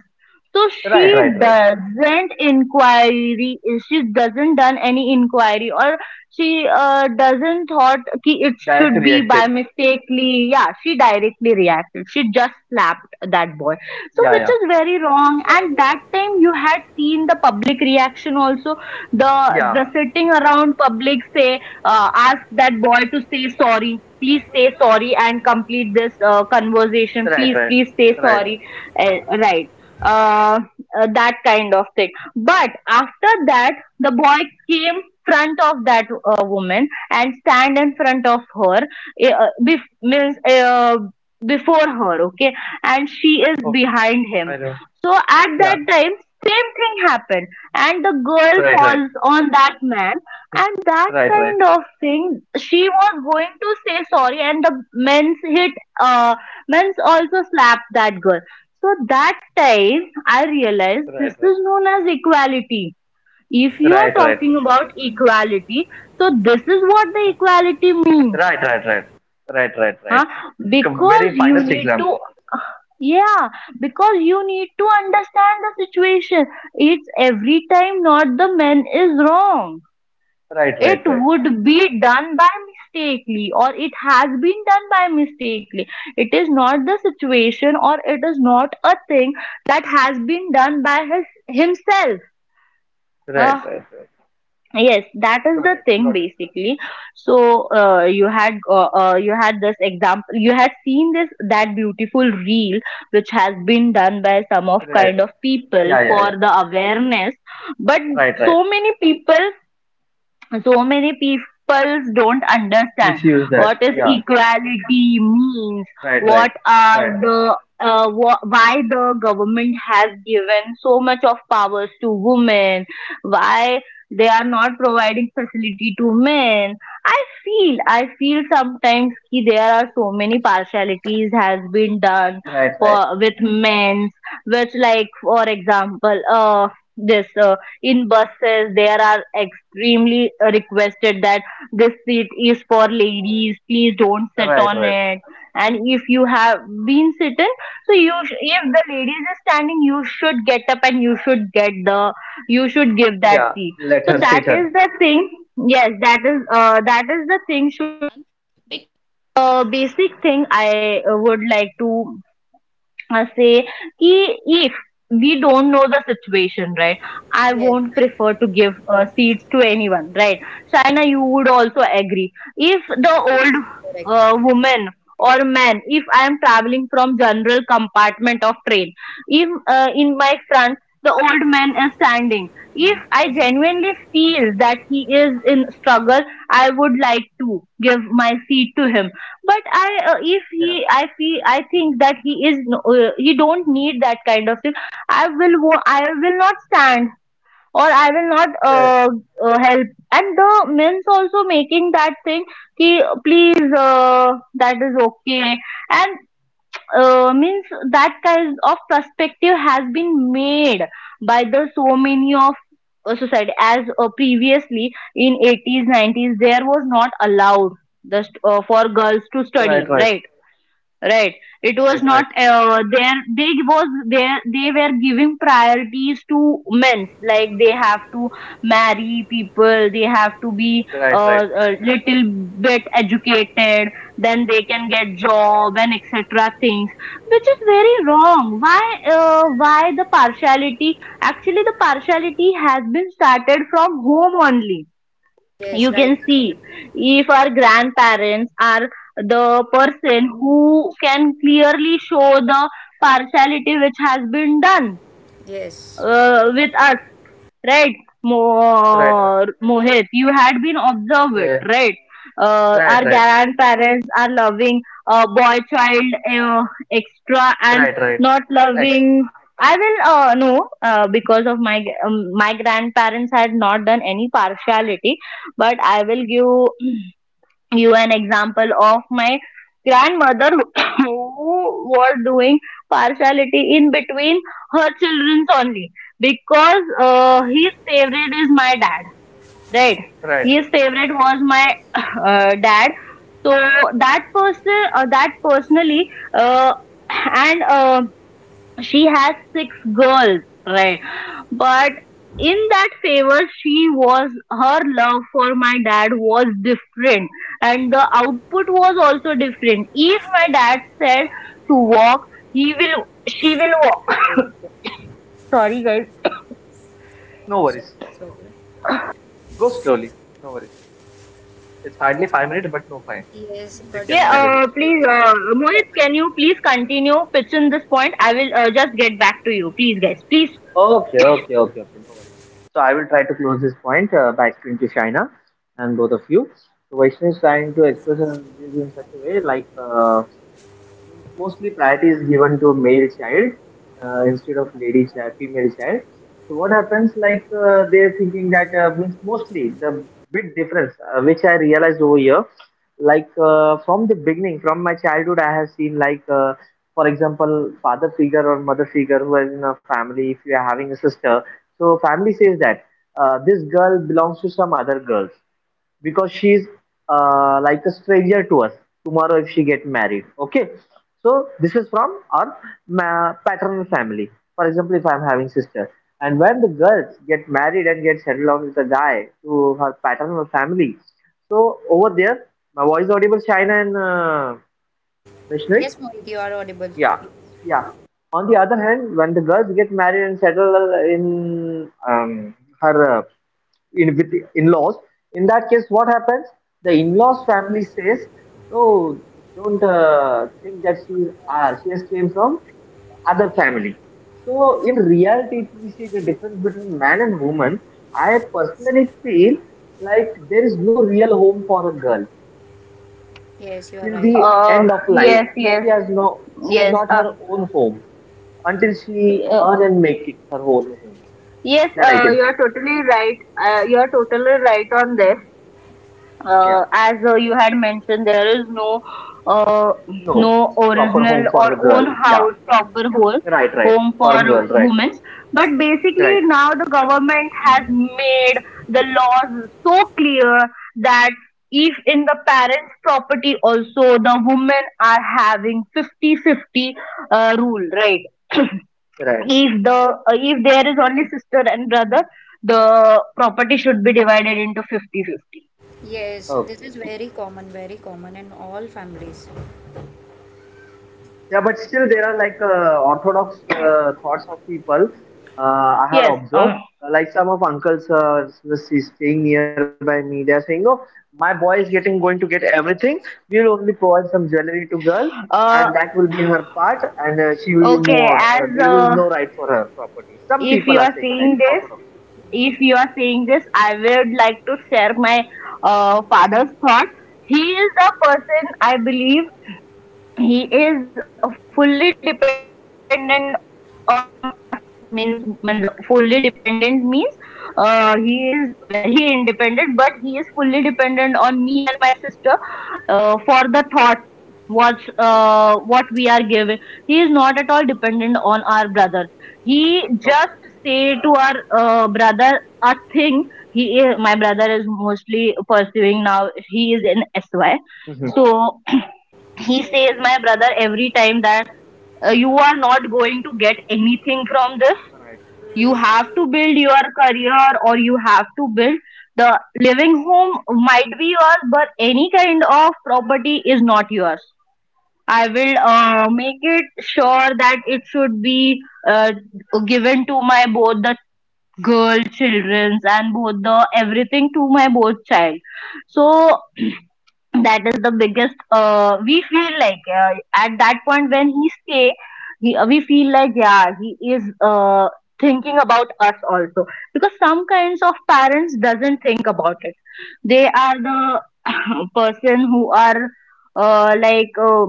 S3: So
S2: Right,
S3: she
S2: right, right.
S3: doesn't inquiry, she doesn't done any inquiry, or she doesn't thought ki it
S2: Direct
S3: should be by
S2: reacted.
S3: mistakely. Yeah, she directly reacted. She just slapped that boy. So
S2: Yeah,
S3: which
S2: yeah,
S3: is very wrong. And that time you had seen the public reaction also. The the
S2: yeah.
S3: sitting around public say, ask that boy to say sorry, please say sorry and complete this conversation,
S2: Right,
S3: please,
S2: right,
S3: please say
S2: right, right.
S3: sorry, right, uh, that kind of thing. But after that, the boy came front of that woman and stand in front of her, means, before her, okay, and she is
S2: Okay.
S3: behind him.
S2: I know.
S3: So at that
S2: Yeah.
S3: time same thing happened, and the girl
S2: Right, right.
S3: falls on that man. And that
S2: Right, right,
S3: kind of thing, she was going to say sorry, and the men's hit — uh men's also slapped that girl. So that time I realized, this
S2: right, right,
S3: is known as equality. If you are
S2: right, right, right,
S3: talking about equality, so this is what the equality means.
S2: right, right, right, right, right, right.
S3: Huh. because
S2: Very
S3: you
S2: finest
S3: need to
S2: example.
S3: Yeah, because you need to understand the situation. It's every time not the men is wrong.
S2: Right,
S3: It
S2: right, right,
S3: would be done by mistakenly, or it has been done by mistakenly. It is not the situation, or it is not a thing that has been done by his himself. Uh,
S2: right, right, right.
S3: yes, that is
S2: Got
S3: the
S2: it,
S3: thing
S2: got it.
S3: basically. So you had this example. You had seen this, that beautiful reel which has been done by some of
S2: Right,
S3: kind
S2: right.
S3: of people
S2: Yeah, yeah,
S3: for
S2: yeah.
S3: the awareness. But
S2: Right, right.
S3: so many people so many people don't understand
S2: Misuse that.
S3: what is
S2: Yeah.
S3: equality means.
S2: Right, right.
S3: What are
S2: Right, right.
S3: the why the government has given so much of powers to women? Why they are
S2: Right.
S3: not providing
S2: Freedom.
S3: facility to men? I feel i feel sometimes ki there are so many partialities has been done
S2: Right,
S3: for
S2: right.
S3: with men. Which, like, for example, this in buses there are extremely requested that this seat is for ladies, please don't sit
S2: Right,
S3: on
S2: right.
S3: it. And if you
S2: Mhm.
S3: have been sitting, so if the ladies is standing, you should get up and you should give that
S2: Yeah.
S3: seat.
S2: Let
S3: So
S2: her
S3: that
S2: sit on.
S3: is the thing. Yes, that is the thing should basic thing I would like to say, ki if we don't know the situation, right? I won't
S1: Yes, I
S3: prefer to give seats to anyone, right? China, you would also agree. If the
S1: guess,
S3: old
S1: correct.
S3: woman or
S2: Yeah.
S3: man, if I am traveling from general compartment of train, if in my front the old man is standing, if I genuinely feel that he is in struggle, I would like to give my seat to
S2: Mhm.
S3: him. But I if
S2: Yeah.
S3: he I feel I think that he is he don't need that kind of thing. I will not stand, or I will not
S2: Right.
S3: help. And the men's also making that thing ki, please that is okay, and means that kind of perspective has been made by the so many of society. As previously in 80s 90s there was not allowed just for girls to
S2: Right,
S3: study,
S2: right.
S3: right? Right, it was
S2: Right,
S3: not
S2: right.
S3: there they were giving priorities to men, like they have to marry people, they have to be
S2: Right, right.
S3: a little bit educated, then they can get job and etc things. Which is very wrong. Why why the partiality? Actually the partiality has been started from home only.
S1: Yes,
S3: You
S1: right.
S3: can see, if our grandparents are the person who can clearly show the partiality which has been done
S1: Yes.
S3: with us, right?
S2: Right, right.
S3: Mohit, you had been
S2: Yeah, yeah.
S3: observed, right?
S2: Right,
S3: Our
S2: right, right.
S3: grandparents are loving boy child uh, extra, and
S2: Right, right.
S3: not
S2: Excellent.
S3: loving. I will no Because of my grandparents had not done any partiality, but I will give you an example of my grandmother who were doing partiality in between her children only, because his favorite is my dad, right?
S2: Right,
S3: His
S2: right.
S3: favorite was my dad. So that person that personally, uh, and she has six girls, right? But in that favor, she was — her love for my dad was different, and the output was also different. If my dad said to walk, he will she will walk. Sorry guys.
S2: No
S1: So,
S2: worries.
S1: it's okay.
S2: Go slowly. No worries. It's hardly 5 minutes, but no fine.
S1: yes, but
S2: You can
S3: Yeah
S2: manage it
S3: Please,
S2: slowly.
S1: This is very
S3: Mohit,
S1: common.
S3: can you please continue pitch in this point? I will, just get back to you, please, guys, please.
S2: Okay, okay, okay, okay. No worries. So I will try to close this point by explaining to Shaina and both of you. So Vaishnav is trying to express her views in such a way like means mostly priority is given to male child instead of lady child, female child. So what happens like they're thinking that means mostly the big difference which I realized over here like from the beginning, from my childhood I have seen like for example, father figure or mother figure who is in a family. If you are having a sister, so family says that this girl belongs to some other girls because she's like a stranger to us. Tomorrow if she get married, okay, so this is from our paternal family. For example, if I'm having sister and when the girls get married and get settled down with a guy to her paternal family, so over there, my voice audible, Shine and Vishnu?
S1: Yes, Mohit, you are audible.
S2: Yeah. Yeah. On the other hand, when the girls get married and settle in um, her uh, in with the in-laws, in that case, what happens? The in-laws family says, "No, don't think that she is ours. She has came from other family." So, in reality, if we see the difference between man and woman, I personally feel like there is no real home for a girl
S1: Yes, you are
S2: till
S1: right.
S2: the
S3: uh
S2: end of life.
S3: yes, yes,
S2: She has no, she has
S3: yes.
S2: not her own home until she
S3: Yeah.
S2: earn and make it her own home.
S3: Yes,
S2: That I can say.
S3: you're totally right. You're totally right on this.
S2: Yeah.
S3: As you had mentioned, there is no uh,
S2: No
S3: no
S2: proper
S3: original
S2: home for
S3: or
S2: the
S3: own
S2: girl. Yeah.
S3: house, proper whole
S2: Right. Right.
S3: home for
S2: For a girl. Right.
S3: women. But basically,
S2: Right.
S3: now the government has made the laws so clear that if in the parents' property also, the women are having 50-50 rule, right?
S2: Right.
S3: If there is only sister and brother, the property should be divided into 50 50.
S1: Yes, this is
S2: Okay.
S1: very common in all families.
S2: Yeah, but still there are like orthodox thoughts of people. I had
S3: Yes.
S2: observed. Like some of uncles was staying nearby me. They are saying, "Oh, my boy is getting going to get everything. We will only provide some jewelry to girl, and
S3: Uh
S2: that will be her part, and she will be
S3: okay,
S2: moved.
S3: as
S2: There will be no right for her property." Some
S3: if you
S2: people are
S3: are
S2: saying like
S3: seeing this
S2: orthodox.
S3: if you are seeing this, I would like to share my father's thought. He is a person, I believe. He is fully dependent on us, means fully dependent means he is
S2: Mhm.
S3: very independent, but he is fully dependent on me and my sister for the thoughts,
S2: Okay,
S3: what we are giving. He is not at all dependent on our brother.
S2: okay.
S3: He just say to our brother a thing. My brother is mostly pursuing now, he is in sy.
S2: Mhm.
S3: So he says my brother every time that, you are not going to get anything from
S2: All
S3: this.
S2: right.
S3: You have to build your career, or you have to build. The living home might be yours, but any kind of property is not yours. I will make it sure that it should be uh, given to my both the girl childrens, and both the — everything to my both child. So that is the biggest we feel like, at that point when he stay, we feel like yeah, he is thinking about us also. Because some kinds of parents doesn't think about it. They are the person who are like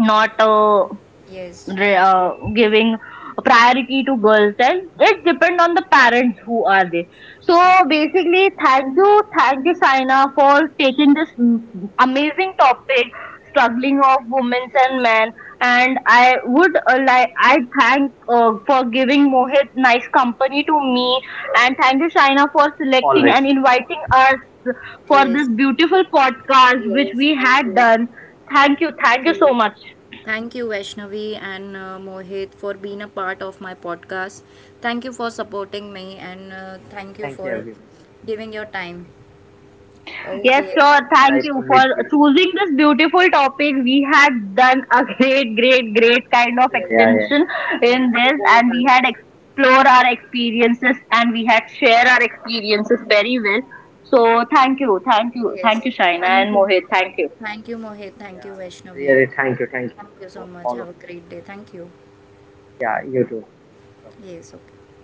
S3: not
S1: Yes,
S3: re- uh, giving priority to girls. And it depend on the parents who are there. So basically, thank you, thank you, Saina, for taking this amazing topic, struggling of women and
S1: yes,
S3: men. And I would like — I thank for giving Mohit nice company to me. And thank you, Shaina, for selecting and
S2: Always.
S3: inviting us for this
S1: yes,
S3: beautiful podcast which
S1: yes.
S3: we
S1: Thank
S3: had
S1: you,
S3: done. Thank you, thank
S1: thank
S3: you so
S1: you.
S3: much.
S1: Thank you, Vaishnavi and Mohit, for being a part of my podcast. Thank you for supporting me and thank you
S2: Thank you,
S1: for
S2: everyone.
S1: giving your time.
S3: Yes,
S1: Okay.
S3: sure.
S2: It's
S3: Thank
S2: nice
S3: you
S2: to
S3: for
S2: meet you.
S3: choosing this beautiful topic. We had done a great, great, great kind of
S1: Yes,
S2: Yeah, yeah,
S1: yes,
S2: yeah.
S3: extension
S1: yes.
S3: in this,
S1: You go,
S3: and we
S1: bye.
S3: had explored our experiences and we had shared our experiences very well. So thank you, thank you, thank
S1: Yes.
S3: you, Shaina
S1: Thank
S3: and
S1: you,
S3: Mohit.
S1: Mohit.
S3: Thank you.
S1: Thank you, Mohit. Thank you,
S2: Yeah,
S1: Vaishnavi.
S2: really, thank you
S1: Thank you
S2: for
S1: so
S2: all of
S1: much.
S2: this.
S1: Have a great day. Thank you.
S2: Yeah, you too.
S1: Yes. Okay.